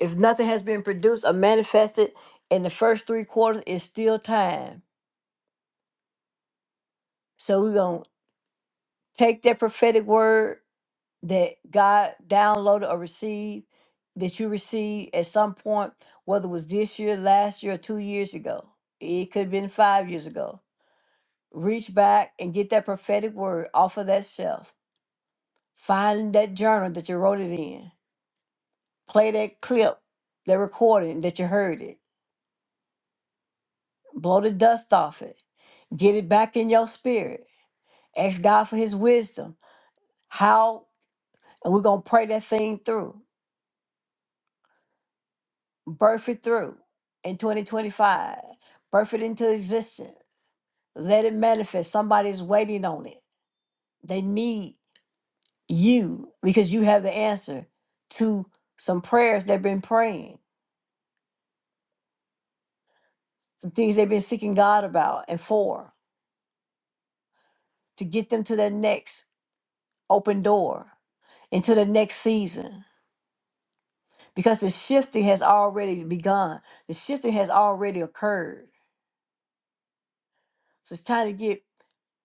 A: if nothing has been produced or manifested in the first three quarters, it's still time. So we're going to take that prophetic word that God downloaded or received that you received at some point, whether it was this year, last year, or two years ago. It could have been five years ago. Reach back and get that prophetic word off of that shelf. Find that journal that you wrote it in. Play that clip, that recording that you heard it. Blow the dust off it. Get it back in your spirit. Ask God for his wisdom. How, and we're going to pray that thing through. birth it through in 2025 birth it into existence let it manifest somebody's waiting on it they need you because you have the answer to some prayers they've been praying some things they've been seeking god about and for to get them to their next open door into the next season because the shifting has already begun the shifting has already occurred so it's time to get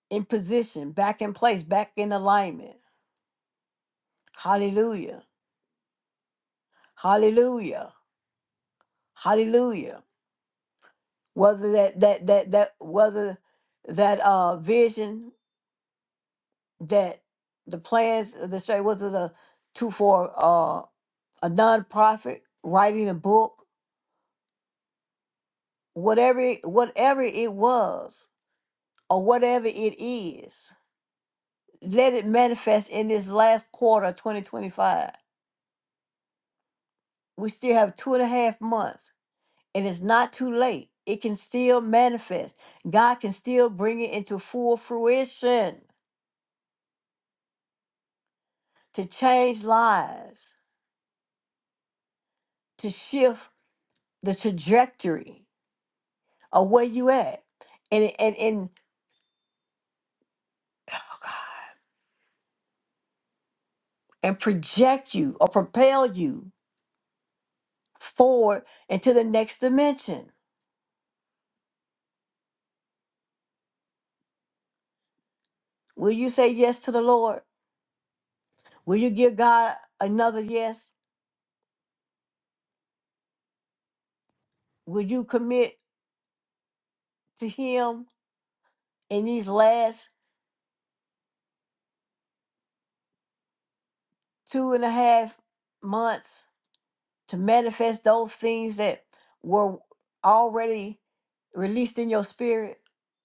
A: in position back in place back in alignment hallelujah Hallelujah. Hallelujah. Whether that that that that whether that uh vision that the plans of the straight whether the two for uh a nonprofit, writing a book, whatever it- whatever it was or whatever it is, let it manifest in this last quarter of 2025. We still have two and a half months and it's not too late. It can still manifest. God can still bring it into full fruition. to change lives, to shift the trajectory of where you at and, and, and, and project you or propel you forward into the next dimension. Will you say yes to the Lord? Will you give God another yes? Will you commit to Him in these last two and a half months? to manifest those things that were already released in your spirit,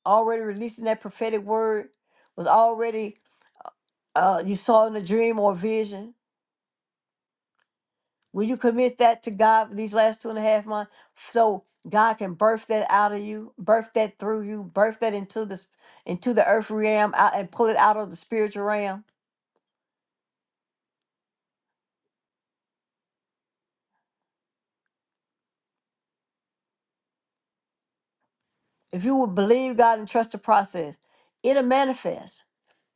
A: already released in that prophetic word, was already uh, you saw in a dream or vision. Will you commit that to God these last two and a half months so God can birth that out of you, birth that through you, birth that into this into the earth realm out and pull it out of the spiritual realm? If you will believe God and trust the process, it'll manifest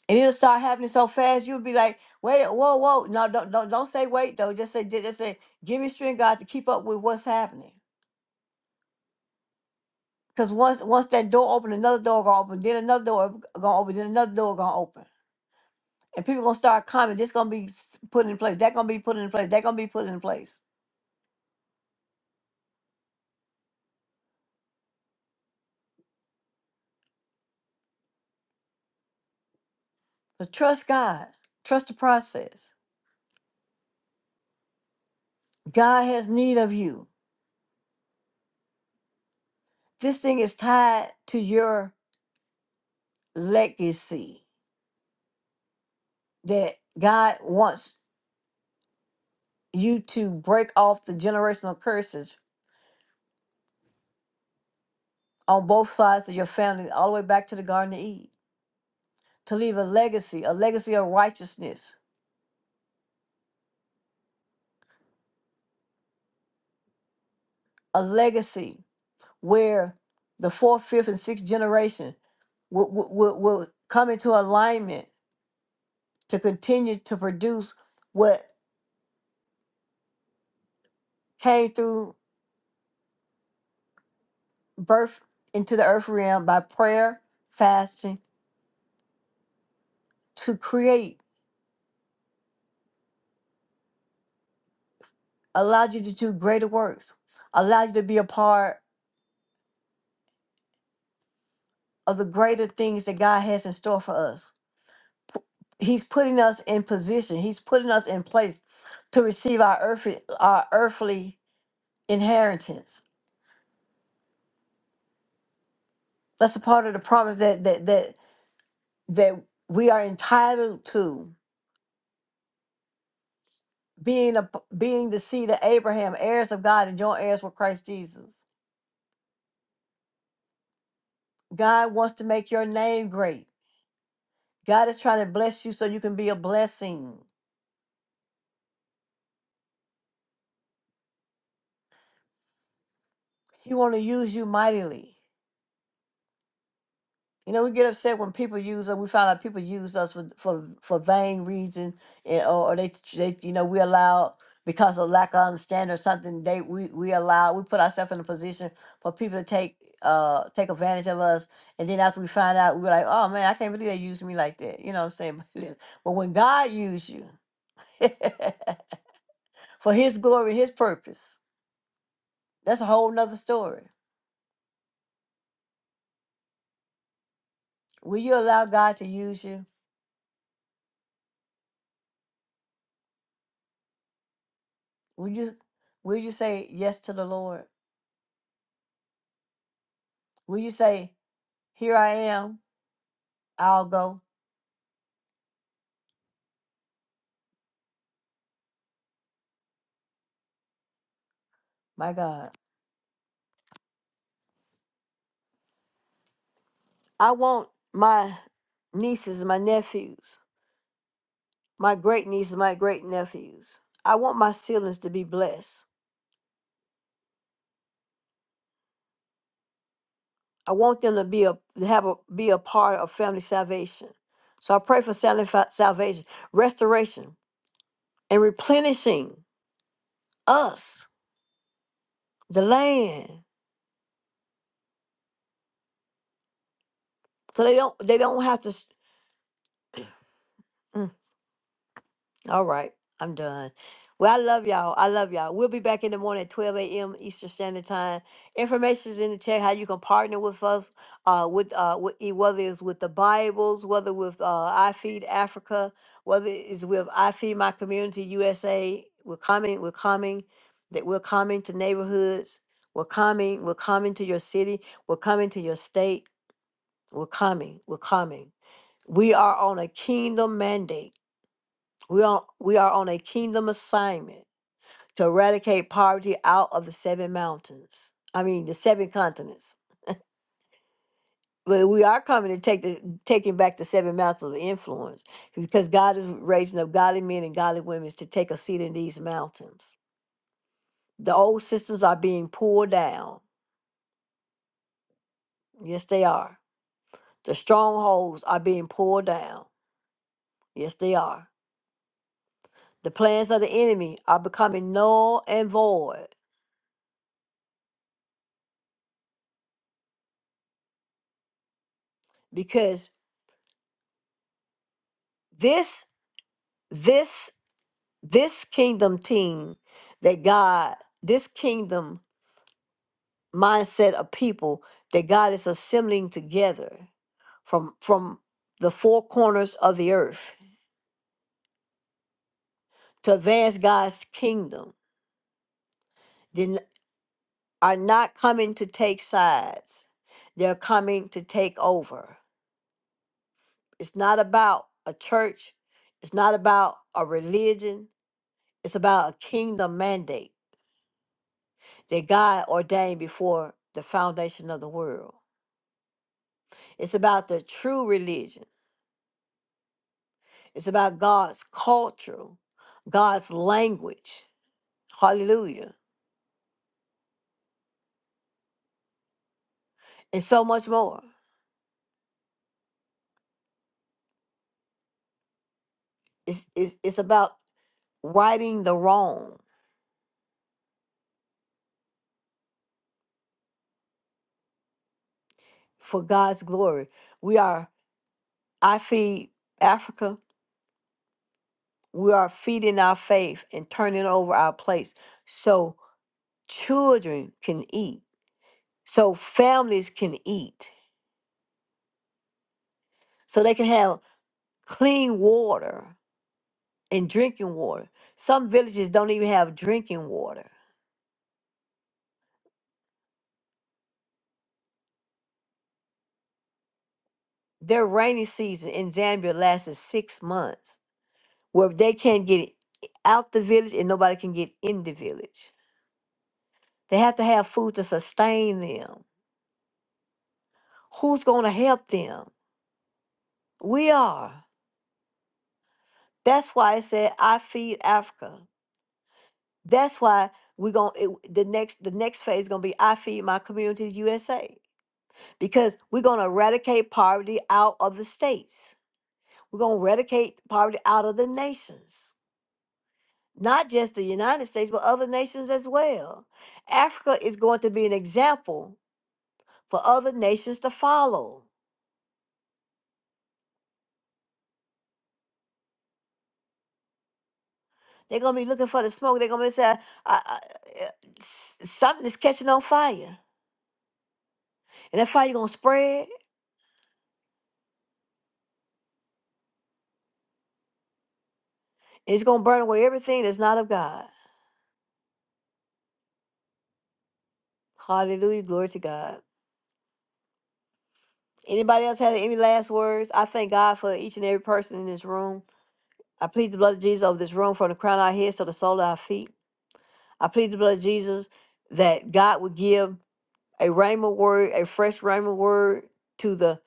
A: And it'll start happening so fast, you'll be like, wait, whoa, whoa. No, don't, don't, don't say wait, though. Just say, ju- just say, give me strength, God, to keep up with what's happening. Because once once that door open, another door gonna open, then another door gonna open, then another door gonna open. And people gonna start coming. This gonna be s- put in place. That gonna be put in place. That gonna be put in place. But trust God. Trust the process. God has need of you. This thing is tied to your legacy that God wants you to break off the generational curses on both sides of your family, all the way back to the Garden of Eden, to leave a legacy, a legacy of righteousness, a legacy where the fourth, fifth, and sixth generation will, will, will will come into alignment to continue to produce what came through birth into the earth realm by prayer, fasting, to create, allowed you to do greater works, allowed you to be a part of the greater things that God has in store for us. He's putting us in position. He's putting us in place to receive our earthly our earthly inheritance. That's a part of the promise that that that that we are entitled to being a being the seed of Abraham, heirs of God, and joint heirs with Christ Jesus. God wants to make your name great. God is trying to bless you so you can be a blessing. He want to use you mightily. You know, we get upset when people use us. We find out people use us for for, for vain reason, and, or, or they they you know we allow because of lack of understanding or something. They we we allow we put ourselves in a position for people to take uh take advantage of us, and then after we find out, we're like, oh man, I can't believe they used me like that. You know what I'm saying? but when God used you for His glory, His purpose, that's a whole nother story. Will you allow God to use you? Will you will you say yes to the Lord? Will you say, Here I am, I'll go? My God. I want my nieces, my nephews, my great nieces, my great nephews. I want my siblings to be blessed. I want them to be a to have a be a part of family salvation. So I pray for sal- fa- salvation, restoration, and replenishing us, the land, so they don't they don't have to. s- All right, I'm done. Well, I love y'all. I love y'all. We'll be back in the morning at 12 a.m. Eastern Standard Time. Information is in the chat how you can partner with us, uh, with uh, with, e- whether it's with the Bibles, whether with uh, I Feed Africa, whether it's with I Feed My Community USA. We're coming. We're coming. That we're coming to neighborhoods. We're coming. We're coming to your city. We're coming to your state. We're coming. We're coming. We are on a kingdom mandate. We are, we are on a kingdom assignment to eradicate poverty out of the seven mountains. I mean, the seven continents. But we are coming to take the taking back the seven mountains of influence because God is raising up godly men and godly women to take a seat in these mountains. The old systems are being pulled down. Yes, they are. The strongholds are being pulled down. Yes, they are. The plans of the enemy are becoming null and void because this this this kingdom team that God, this kingdom mindset of people that God is assembling together from from the four corners of the earth to advance God's kingdom, then are not coming to take sides. They're coming to take over. It's not about a church. It's not about a religion. It's about a kingdom mandate that God ordained before the foundation of the world. It's about the true religion. It's about God's culture, God's language. Hallelujah. And so much more. It's, it's, it's about righting the wrong for God's glory. We are, I feed Africa. We are feeding our faith and turning over our plates so children can eat, so families can eat, so they can have clean water and drinking water. Some villages don't even have drinking water. Their rainy season in Zambia lasted six months, where they can't get out the village and nobody can get in the village. They have to have food to sustain them. Who's going to help them? We are. That's why I said I feed Africa. That's why we're going it, the next the next phase is going to be I feed my community USA because we're going to eradicate poverty out of the states We're going to eradicate poverty out of the nations, not just the United States, but other nations as well. Africa is going to be an example for other nations to follow. They're going to be looking for the smoke. They're going to be saying, I, I, uh, s- something is catching on fire. And that fire going to spread, and it's going to burn away everything that's not of God. Hallelujah. Glory to God. Anybody else have any last words? I thank God for each and every person in this room. I plead the blood of Jesus over this room from the crown of our heads to the sole of our feet. I plead the blood of Jesus that God would give a rhema word, a fresh rhema word to the,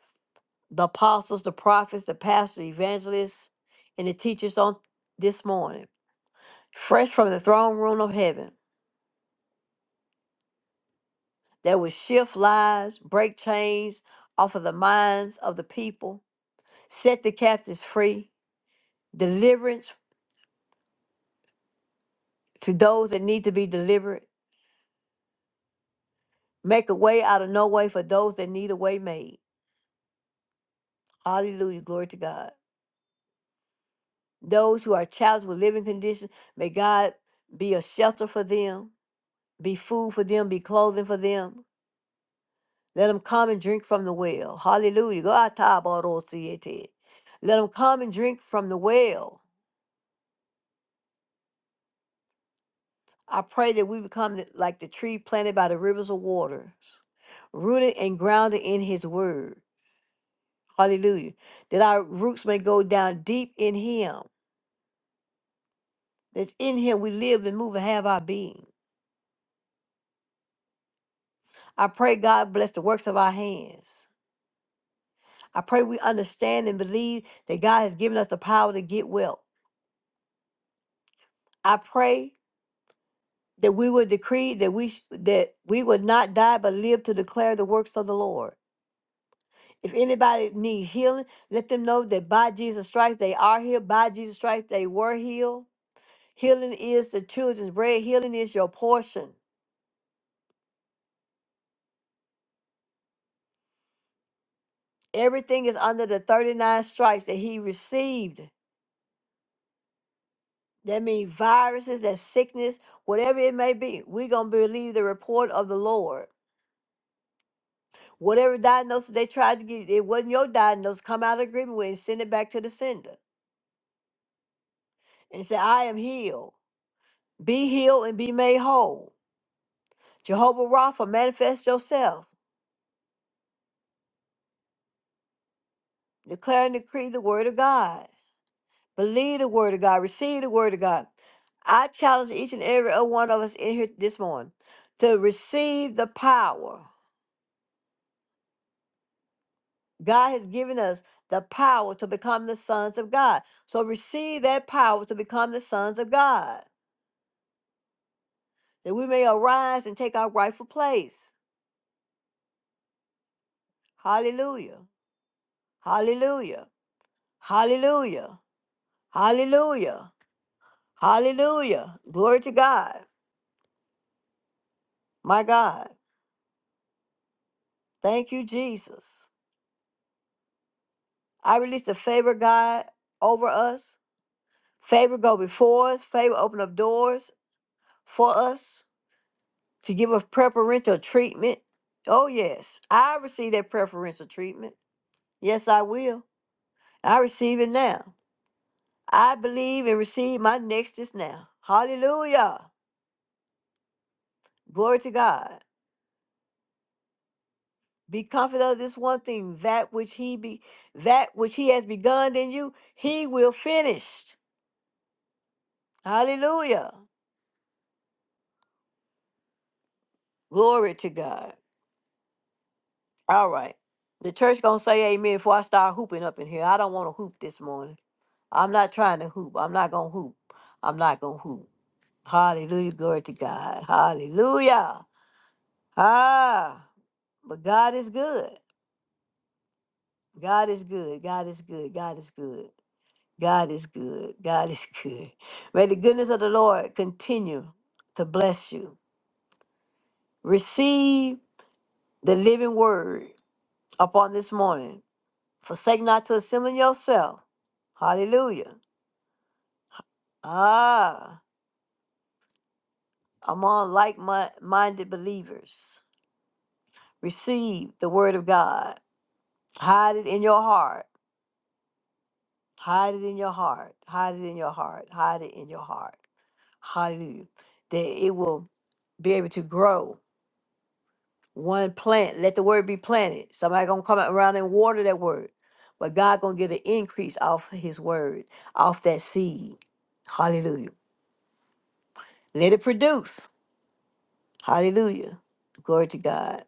A: the apostles, the prophets, the pastors, evangelists, and the teachers on this morning, fresh from the throne room of heaven, that would shift lives, break chains off of the minds of the people, set the captives free, deliverance to those that need to be delivered, make a way out of no way for those that need a way made. Hallelujah. Glory to God. Those who are challenged with living conditions, may God be a shelter for them, be food for them, be clothing for them. Let them come and drink from the well. Hallelujah. Go out, Tabaro, Siete. Let them come and drink from the well. I pray that we become th- like the tree planted by the rivers of water, rooted and grounded in his word. Hallelujah. That our roots may go down deep in him. That in him we live and move and have our being. I pray God bless the works of our hands. I pray we understand and believe that God has given us the power to get well. I pray that we will decree that we sh- that we will not die but live to declare the works of the Lord. If anybody needs healing, let them know that by Jesus' stripes they are healed. By Jesus' stripes they were healed. Healing is the children's bread. Healing is your portion. Everything is under the 39 stripes that he received. That means viruses, that sickness, whatever it may be. We're going to believe the report of the Lord. Whatever diagnosis they tried to give you, it wasn't your diagnosis. Come out of agreement with it and send it back to the sender and say, I am healed. Be healed and be made whole. Jehovah Rapha, manifest yourself. Declare and decree the word of God. Believe the word of God. Receive the word of God. I challenge each and every one of us in here this morning to receive the power. God has given us the power to become the sons of God. So receive that power to become the sons of God. that we may arise and take our rightful place. Hallelujah. Hallelujah. Hallelujah. Hallelujah. Hallelujah. Glory to God. My God. Thank you, Jesus. I release the favor, God, over us. Favor go before us. Favor open up doors for us to give us preferential treatment. Oh, yes. I receive that preferential treatment. Yes, I will. I receive it now. I believe and receive my next is now. Hallelujah. Glory to God. Be confident of this one thing, that which he be that which he has begun in you, he will finish. Hallelujah. Glory to God. All right. The church gonna say amen before I start hooping up in here. I don't want to hoop this morning. I'm not trying to hoop. I'm not gonna hoop. I'm not gonna hoop. Hallelujah. Glory to God. Hallelujah. Ah, but God is good. God is good. God is good. God is good. God is good. God is good. May the goodness of the Lord continue to bless you. Receive the living word upon this morning. Forsake not to assemble yourself. Hallelujah. Ah, among like minded believers. Receive the word of God. Hide it in your heart. Hide it in your heart. Hide it in your heart. Hide it in your heart. Hallelujah. That it will be able to grow. One plant, let the word be planted. Somebody gonna come around and water that word. But God gonna get an increase off his word, off that seed. Hallelujah. Let it produce. Hallelujah. Glory to God.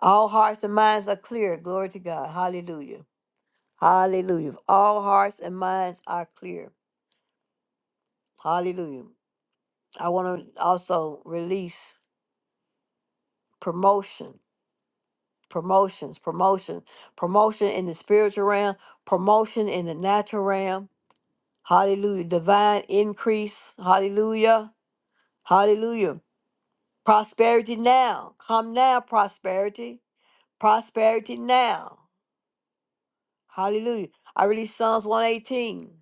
A: All hearts and minds are clear. Glory to God. Hallelujah. Hallelujah. If All hearts and minds are clear. Hallelujah. I want to also release promotion promotions, promotion, promotion in the spiritual realm, promotion in the natural realm. Hallelujah. Divine increase. Hallelujah. Hallelujah. Prosperity now. Come now, prosperity. Prosperity now. Hallelujah. I release Psalms 118.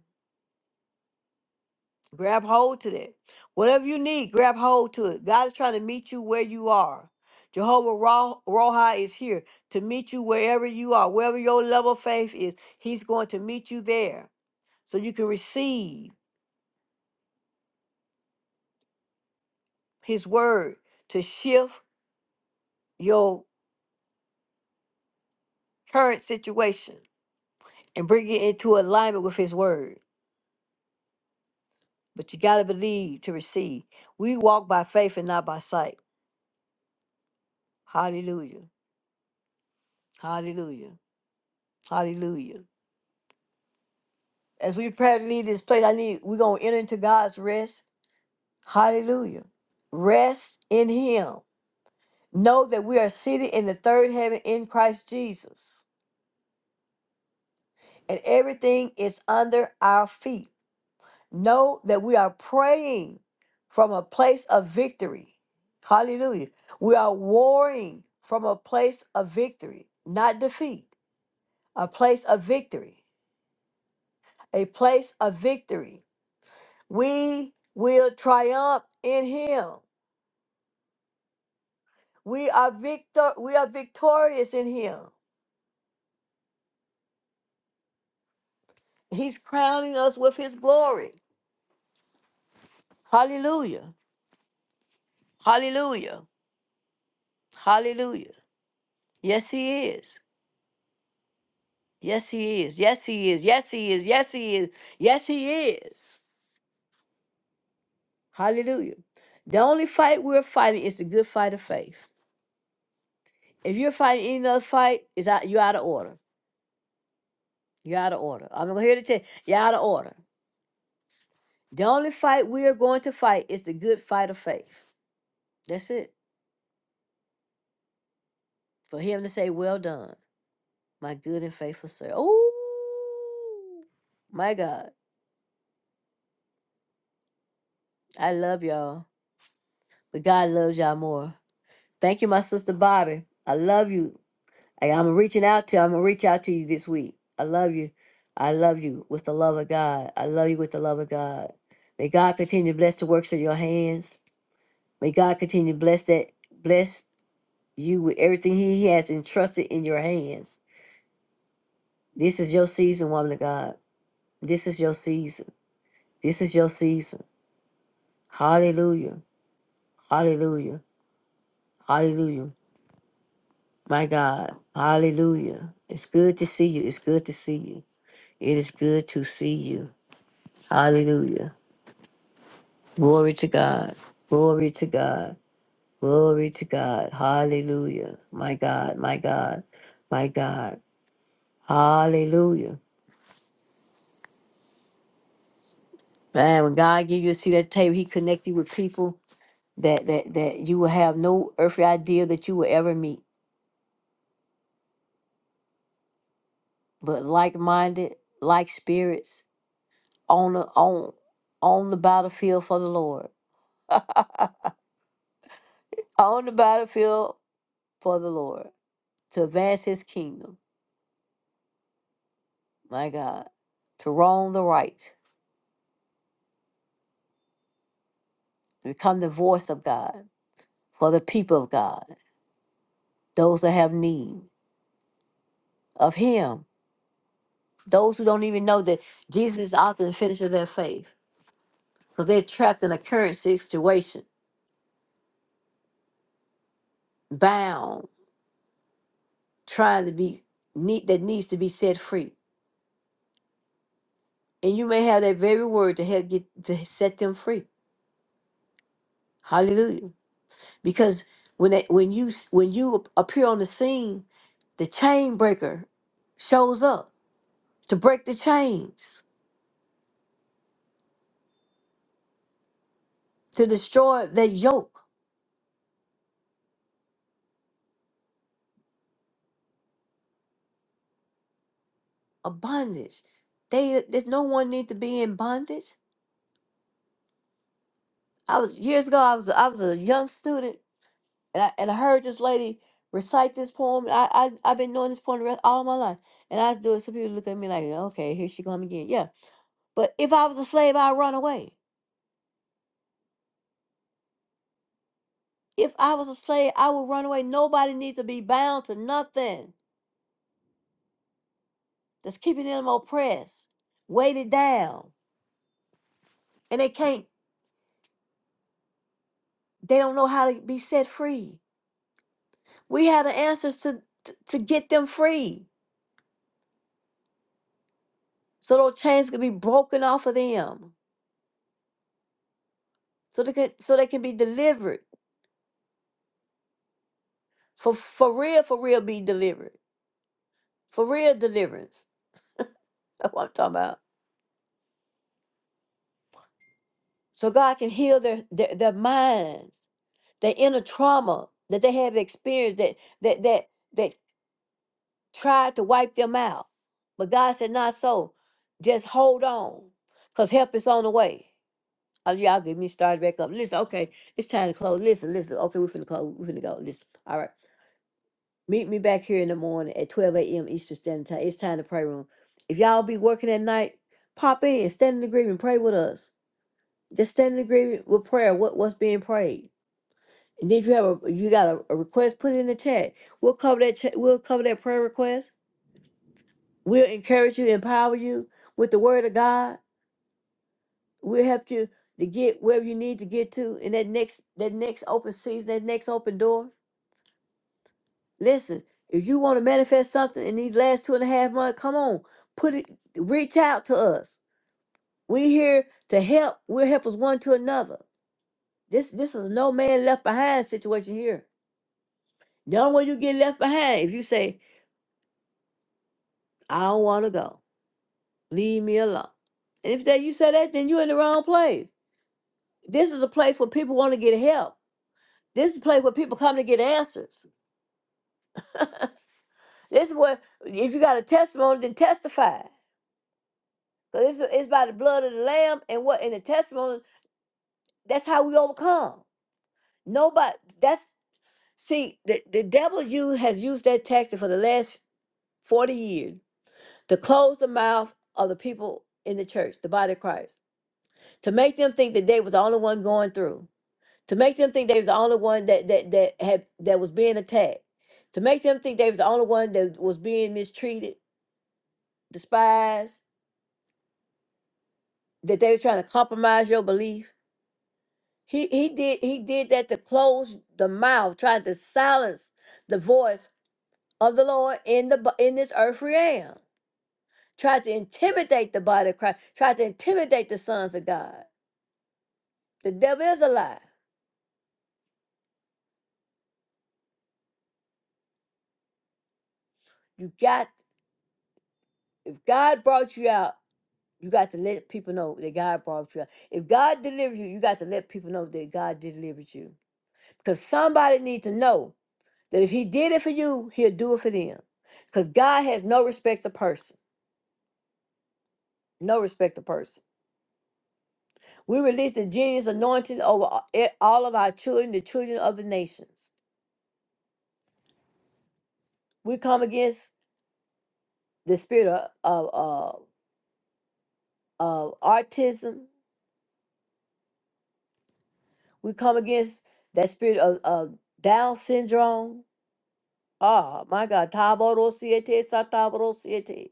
A: Grab hold to that. Whatever you need, grab hold to it. God is trying to meet you where you are. Jehovah Ra- Rohi is here to meet you wherever you are, wherever your level of faith is. He's going to meet you there so you can receive His word to shift your current situation and bring it into alignment with His word. But you got to believe to receive. We walk by faith and not by sight. Hallelujah. Hallelujah. Hallelujah. As we prepare to leave this place, I need we're gonna enter into God's rest. Hallelujah. Rest in Him. Know that we are seated in the third heaven in Christ Jesus, and everything is under our feet. Know that we are praying from a place of victory. Hallelujah. We are warring from a place of victory, not defeat, a place of victory, a place of victory. We will triumph in Him. We are victor we are victorious in him. He's crowning us with his glory. Hallelujah. Hallelujah. Hallelujah. Yes he is. Yes he is. Yes he is. Yes he is. Yes he is. Yes he is. Hallelujah. The only fight we're fighting is the good fight of faith. If you're fighting any other fight, is out you're out of order. You're out of order. I'm here to tell you, you're out of order. The only fight we are going to fight is the good fight of faith. That's it. For him to say, Well done. my good and faithful servant. Oh, my God. I love y'all, but God loves y'all more. Thank you, my sister Bobby. I love you. I, am reaching out to I'm going to reach out to you this week. I love you. I love you with the love of God. I love you with the love of God. May God continue to bless the works of your hands. May God continue to bless that, bless you with everything He has entrusted in your hands. This is your season, woman of God. This is your season. This is your season. Hallelujah. Hallelujah. Hallelujah. My God. Hallelujah. It's good to see you. It's good to see you. It is good to see you. Hallelujah. Glory to God. Glory to God. Glory to God. Hallelujah. My God. My God. My God. Hallelujah. Man, when God give you a seat at the table, He connect you with people that that that you will have no earthly idea that you will ever meet, but like minded, like spirits. on the on on the battlefield for the Lord. on the battlefield for the Lord to advance his kingdom, my God, to wrong the right, to become the voice of God for the people of God, those that have need of him, those who don't even know that Jesus is often the finisher of their faith because they're trapped in a current situation, bound, trying to be need that needs to be set free. And you may have that very word to help get to set them free Hallelujah. Because when they, when you when you appear on the scene, the chain breaker shows up to break the chains, to destroy that yoke of bondage. They there's no one need to be in bondage. I was years ago I was I was a young student and I and I heard this lady recite this poem. I I I've been knowing this poem the rest, all my life. And I do it, some people look at me like, okay, here she come again. Yeah. But if I was a slave, I'd run away. If I was a slave, I would run away. Nobody needs to be bound to nothing that's keeping them oppressed, weighted down, and they can't. They don't know how to be set free. We have the answers to to, to get them free, so those chains can be broken off of them, so they can so they can be delivered for for real, for real, be delivered for real deliverance. That's what I'm talking about. So God can heal their their, their minds, their inner trauma that they have experienced that that that that tried to wipe them out. But God said, not so. Just hold on, because help is on the way. Oh, y'all get me started back up. Listen, okay, it's time to close. Listen, listen. Okay, we're finna close. We're finna go. Listen. All right. Meet me back here in the morning at 12 a.m. Eastern Standard Time. It's time to pray room. If y'all be working at night, pop in, stand in agreement, pray with us. Just stand in agreement with prayer, what, what's being prayed. And then if you have a you got a, a request, put it in the chat. We'll cover that chat, we'll cover that prayer request We'll encourage you, empower you with the word of God. We'll help you to get wherever you need to get to in that next that next open season, that next open door. Listen, if you want to manifest something in these last two and a half months, come on, put it, reach out to us. We're here to help. We'll help us one to another. This this is no man left behind situation here. The only way you get left behind if you say, I don't want to go. Leave me alone. And if that you say that, then you're in the wrong place. This is a place where people want to get help. This is a place where people come to get answers. this is where, if you got a testimony, then testify. Because it's, it's by the blood of the Lamb and what in the testimony. That's how we overcome. Nobody, that's, see, the, the devil use, has used that tactic for the last 40 years to close the mouth of the people in the church, the body of Christ, to make them think that they was the only one going through to make them think they was the only one that that that had that was being attacked, to make them think they was the only one that was being mistreated, despised, that they were trying to compromise your belief. He he did he did that to close the mouth, trying to silence the voice of the Lord in the bo- in this earth realm. Tried to intimidate the body of Christ. Tried to intimidate the sons of God. The devil is a lie. You got if God brought you out. You got to let people know that God brought you. out. If God delivered you, you got to let people know that God delivered you. Because somebody needs to know that if He did it for you, He'll do it for them. Because God has no respect to person. No respect to person. We release the genius anointing over a- e- all of our children, the children of the nations. We come against the spirit of, of, of, of autism. We come against that spirit of, of Down syndrome. Ah, my God. Taborosiete, sataborosiete.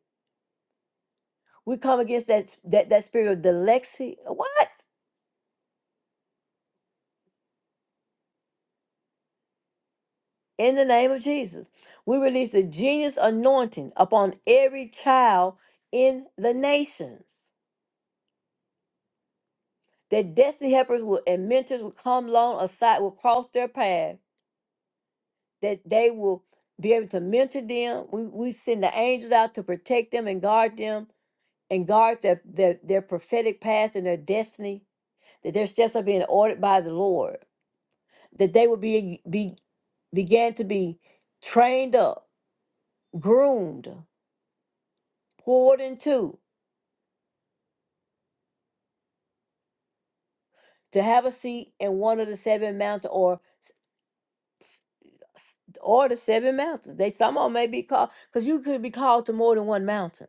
A: We come against that, that, that spirit of dyslexia. What? In the name of Jesus. We release the genius anointing upon every child in the nations. That destiny helpers will, and mentors will come along aside, will cross their path, that they will be able to mentor them. We, we send the angels out to protect them and guard them and guard their, their, their prophetic path and their destiny, that their steps are being ordered by the Lord that they would be, be began to be trained up, groomed, poured into to have a seat in one of the seven mountains or s- s- or the seven mountains. They some of 'em may be called because you could be called to more than one mountain.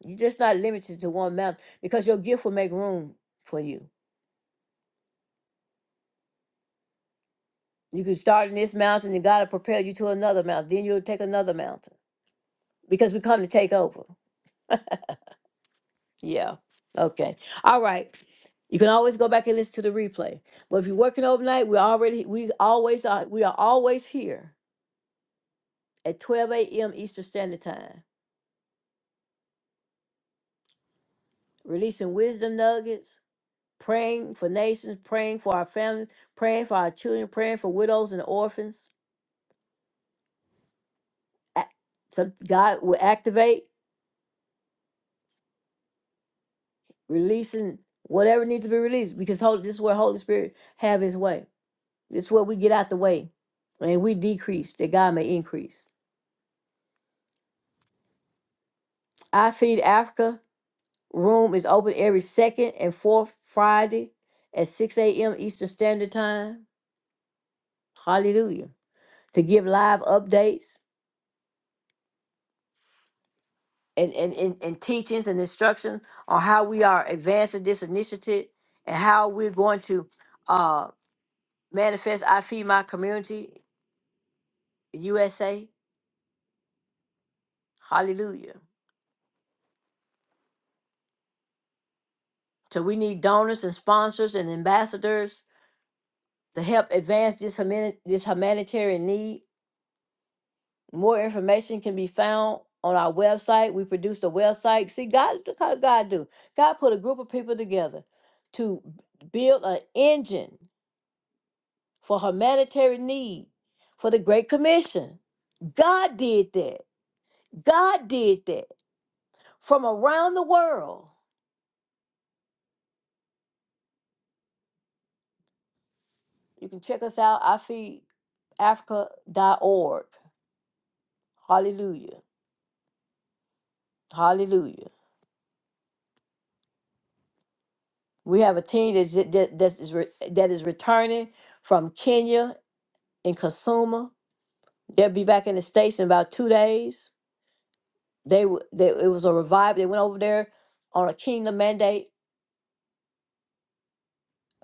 A: You're just not limited to one mountain because your gift will make room for you. You can start in this mountain and God will prepare you to another mountain. Then you'll take another mountain because we come to take over. Yeah. Okay. All right. You can always go back and listen to the replay. But if you're working overnight, we already we always are we are always here at 12 a.m. Eastern Standard Time, releasing wisdom nuggets, praying for nations, praying for our families, praying for our children, praying for widows and orphans. A- Some God will activate, releasing whatever needs to be released because Holy, this is where Holy Spirit have His way. This is where we get out the way, and we decrease that God may increase. I Feed Africa room is open every second and fourth Friday at 6 a.m. Eastern Standard Time. Hallelujah. To give live updates and, and, and, and teachings and instructions on how we are advancing this initiative and how we're going to uh, manifest I Feed My Community USA. Hallelujah. So we need donors and sponsors and ambassadors to help advance this, humani- this humanitarian need More information can be found on our website. We produced a website. See, God, look how God do. God put a group of people together to build an engine for humanitarian need for the Great Commission. God did that. God did that from around the world. You can check us out, i feed africa dot org. Hallelujah. Hallelujah. We have a team that's, that, that's, that is re- that is returning from Kenya in Kasuma. They'll be back in the States in about two days. They, w- they it was a revival. They went over there on a kingdom mandate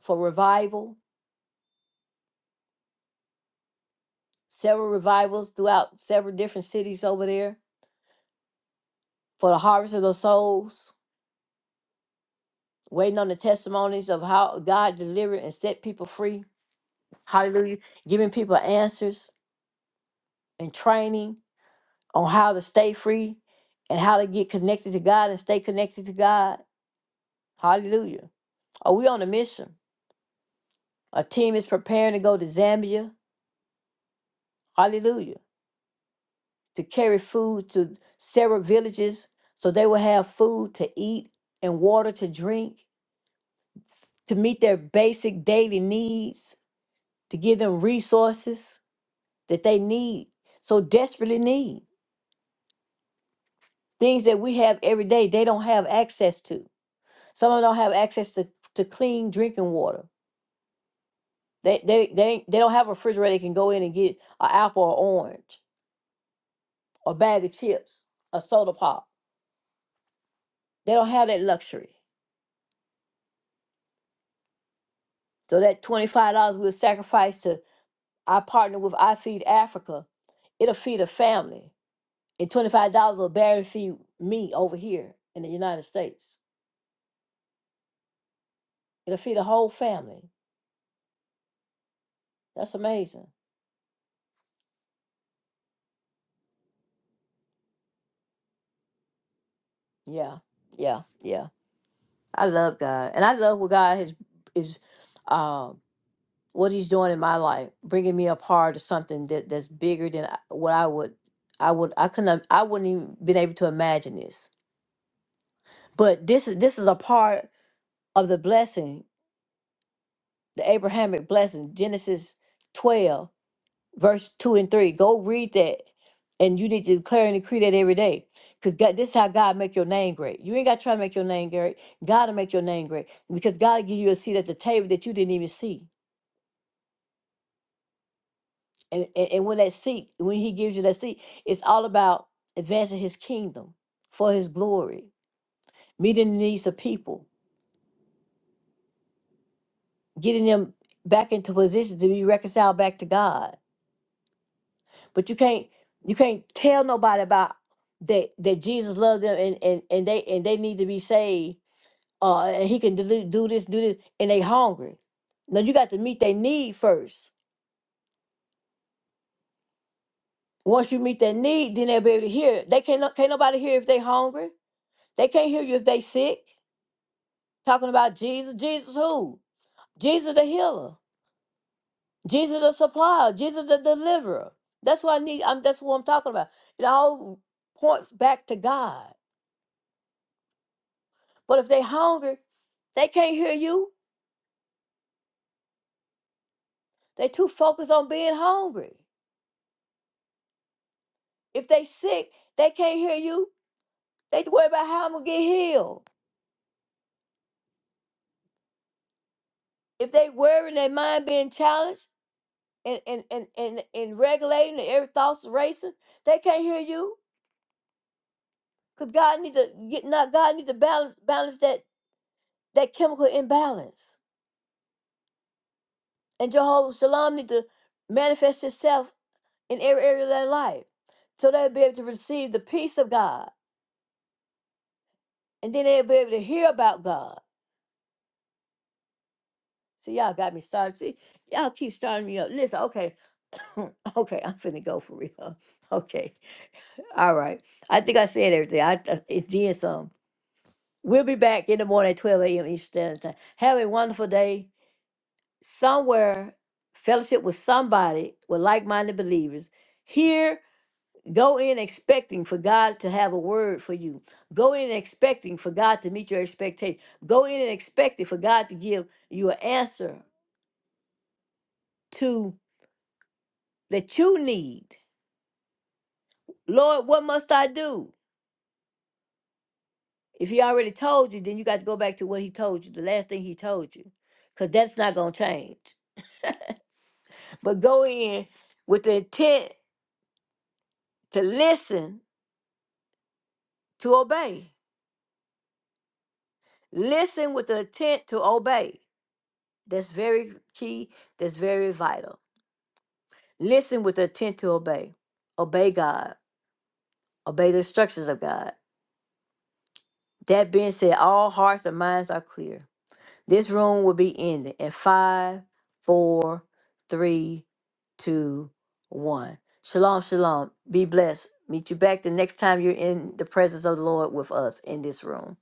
A: for revival. Several revivals throughout several different cities over there for the harvest of the souls. Waiting on the testimonies of how God delivered and set people free. Hallelujah. Giving people answers and training on how to stay free and how to get connected to God and stay connected to God. Hallelujah. Are we on a mission? A team is preparing to go to Zambia, hallelujah, to carry food to several villages so they will have food to eat and water to drink, to meet their basic daily needs, to give them resources that they need, so desperately need. Things that we have every day, they don't have access to. Some of them don't have access to, to clean drinking water. They, they, they, they don't have a refrigerator they can go in and get an apple or orange, or bag of chips, a soda pop They don't have that luxury. So that $25 we'll sacrifice to our partner with I Feed Africa, it'll feed a family. And $25 will barely feed me over here in the United States. It'll feed a whole family. That's amazing. Yeah, yeah, yeah. I love God. And I love what God has, is, um, what he's doing in my life, bringing me a part of something that, that's bigger than I- what I would, I would, I couldn't, have- I wouldn't even been able to imagine this. But this is, this is a part of the blessing, the Abrahamic blessing, Genesis 12, verse 2 and 3. Go read that. And you need to declare and decree that every day. Because God, this is how God make your name great. You ain't got to try to make your name great. God will make your name great. Because God will give you a seat at the table that you didn't even see. And, and, and when that seat, when he gives you that seat, it's all about advancing his kingdom for his glory, meeting the needs of people, getting them back into position to be reconciled back to God But you can't you can't tell nobody about that that Jesus loved them and and, and they and they need to be saved. Uh, and he can do, do this, do this, and they hungry. No, you got to meet their need first. Once you meet their need, then they'll be able to hear. They can't no- can't nobody hear if they hungry. They can't hear you if they sick. Talking about Jesus, Jesus who? Jesus the healer, Jesus the supplier, Jesus the deliverer. That's what I need. I'm, that's what I'm talking about. It all points back to God. But if they hungry, they can't hear you. They too focused on being hungry. If they sick, they can't hear you. They worry about how I'm gonna get healed. If they worry and their mind being challenged and and and and, and regulating and every thoughts racing, they can't hear you. Cause God needs to get not God needs to balance balance that that chemical imbalance. And Jehovah Shalom needs to manifest itself in every area of their life. So they'll be able to receive the peace of God and then they'll be able to hear about God. See, y'all got me started. See, y'all keep starting me up. Listen, okay, okay, I'm finna go for real. Okay, all right. I think I said everything. I I- it did some. We'll be back in the morning at 12 a.m. Eastern Standard Time. Have a wonderful day somewhere. Fellowship with somebody with like-minded believers here Go in expecting for God to have a word for you. Go in expecting for God to meet your expectation. Go in and expecting for God to give you an answer to that you need. Lord, what must I do? If he already told you, then you got to go back to what he told you, the last thing he told you, because that's not going to change. But go in with the intent to listen, to obey. Listen with the intent to obey. That's very key. That's very vital. Listen with intent to obey. Obey God. Obey the instructions of God. That being said, all hearts and minds are clear. This room will be ending in five, four, three, two, one. Shalom, shalom. Be blessed. Meet you back the next time you're in the presence of the Lord with us in this room.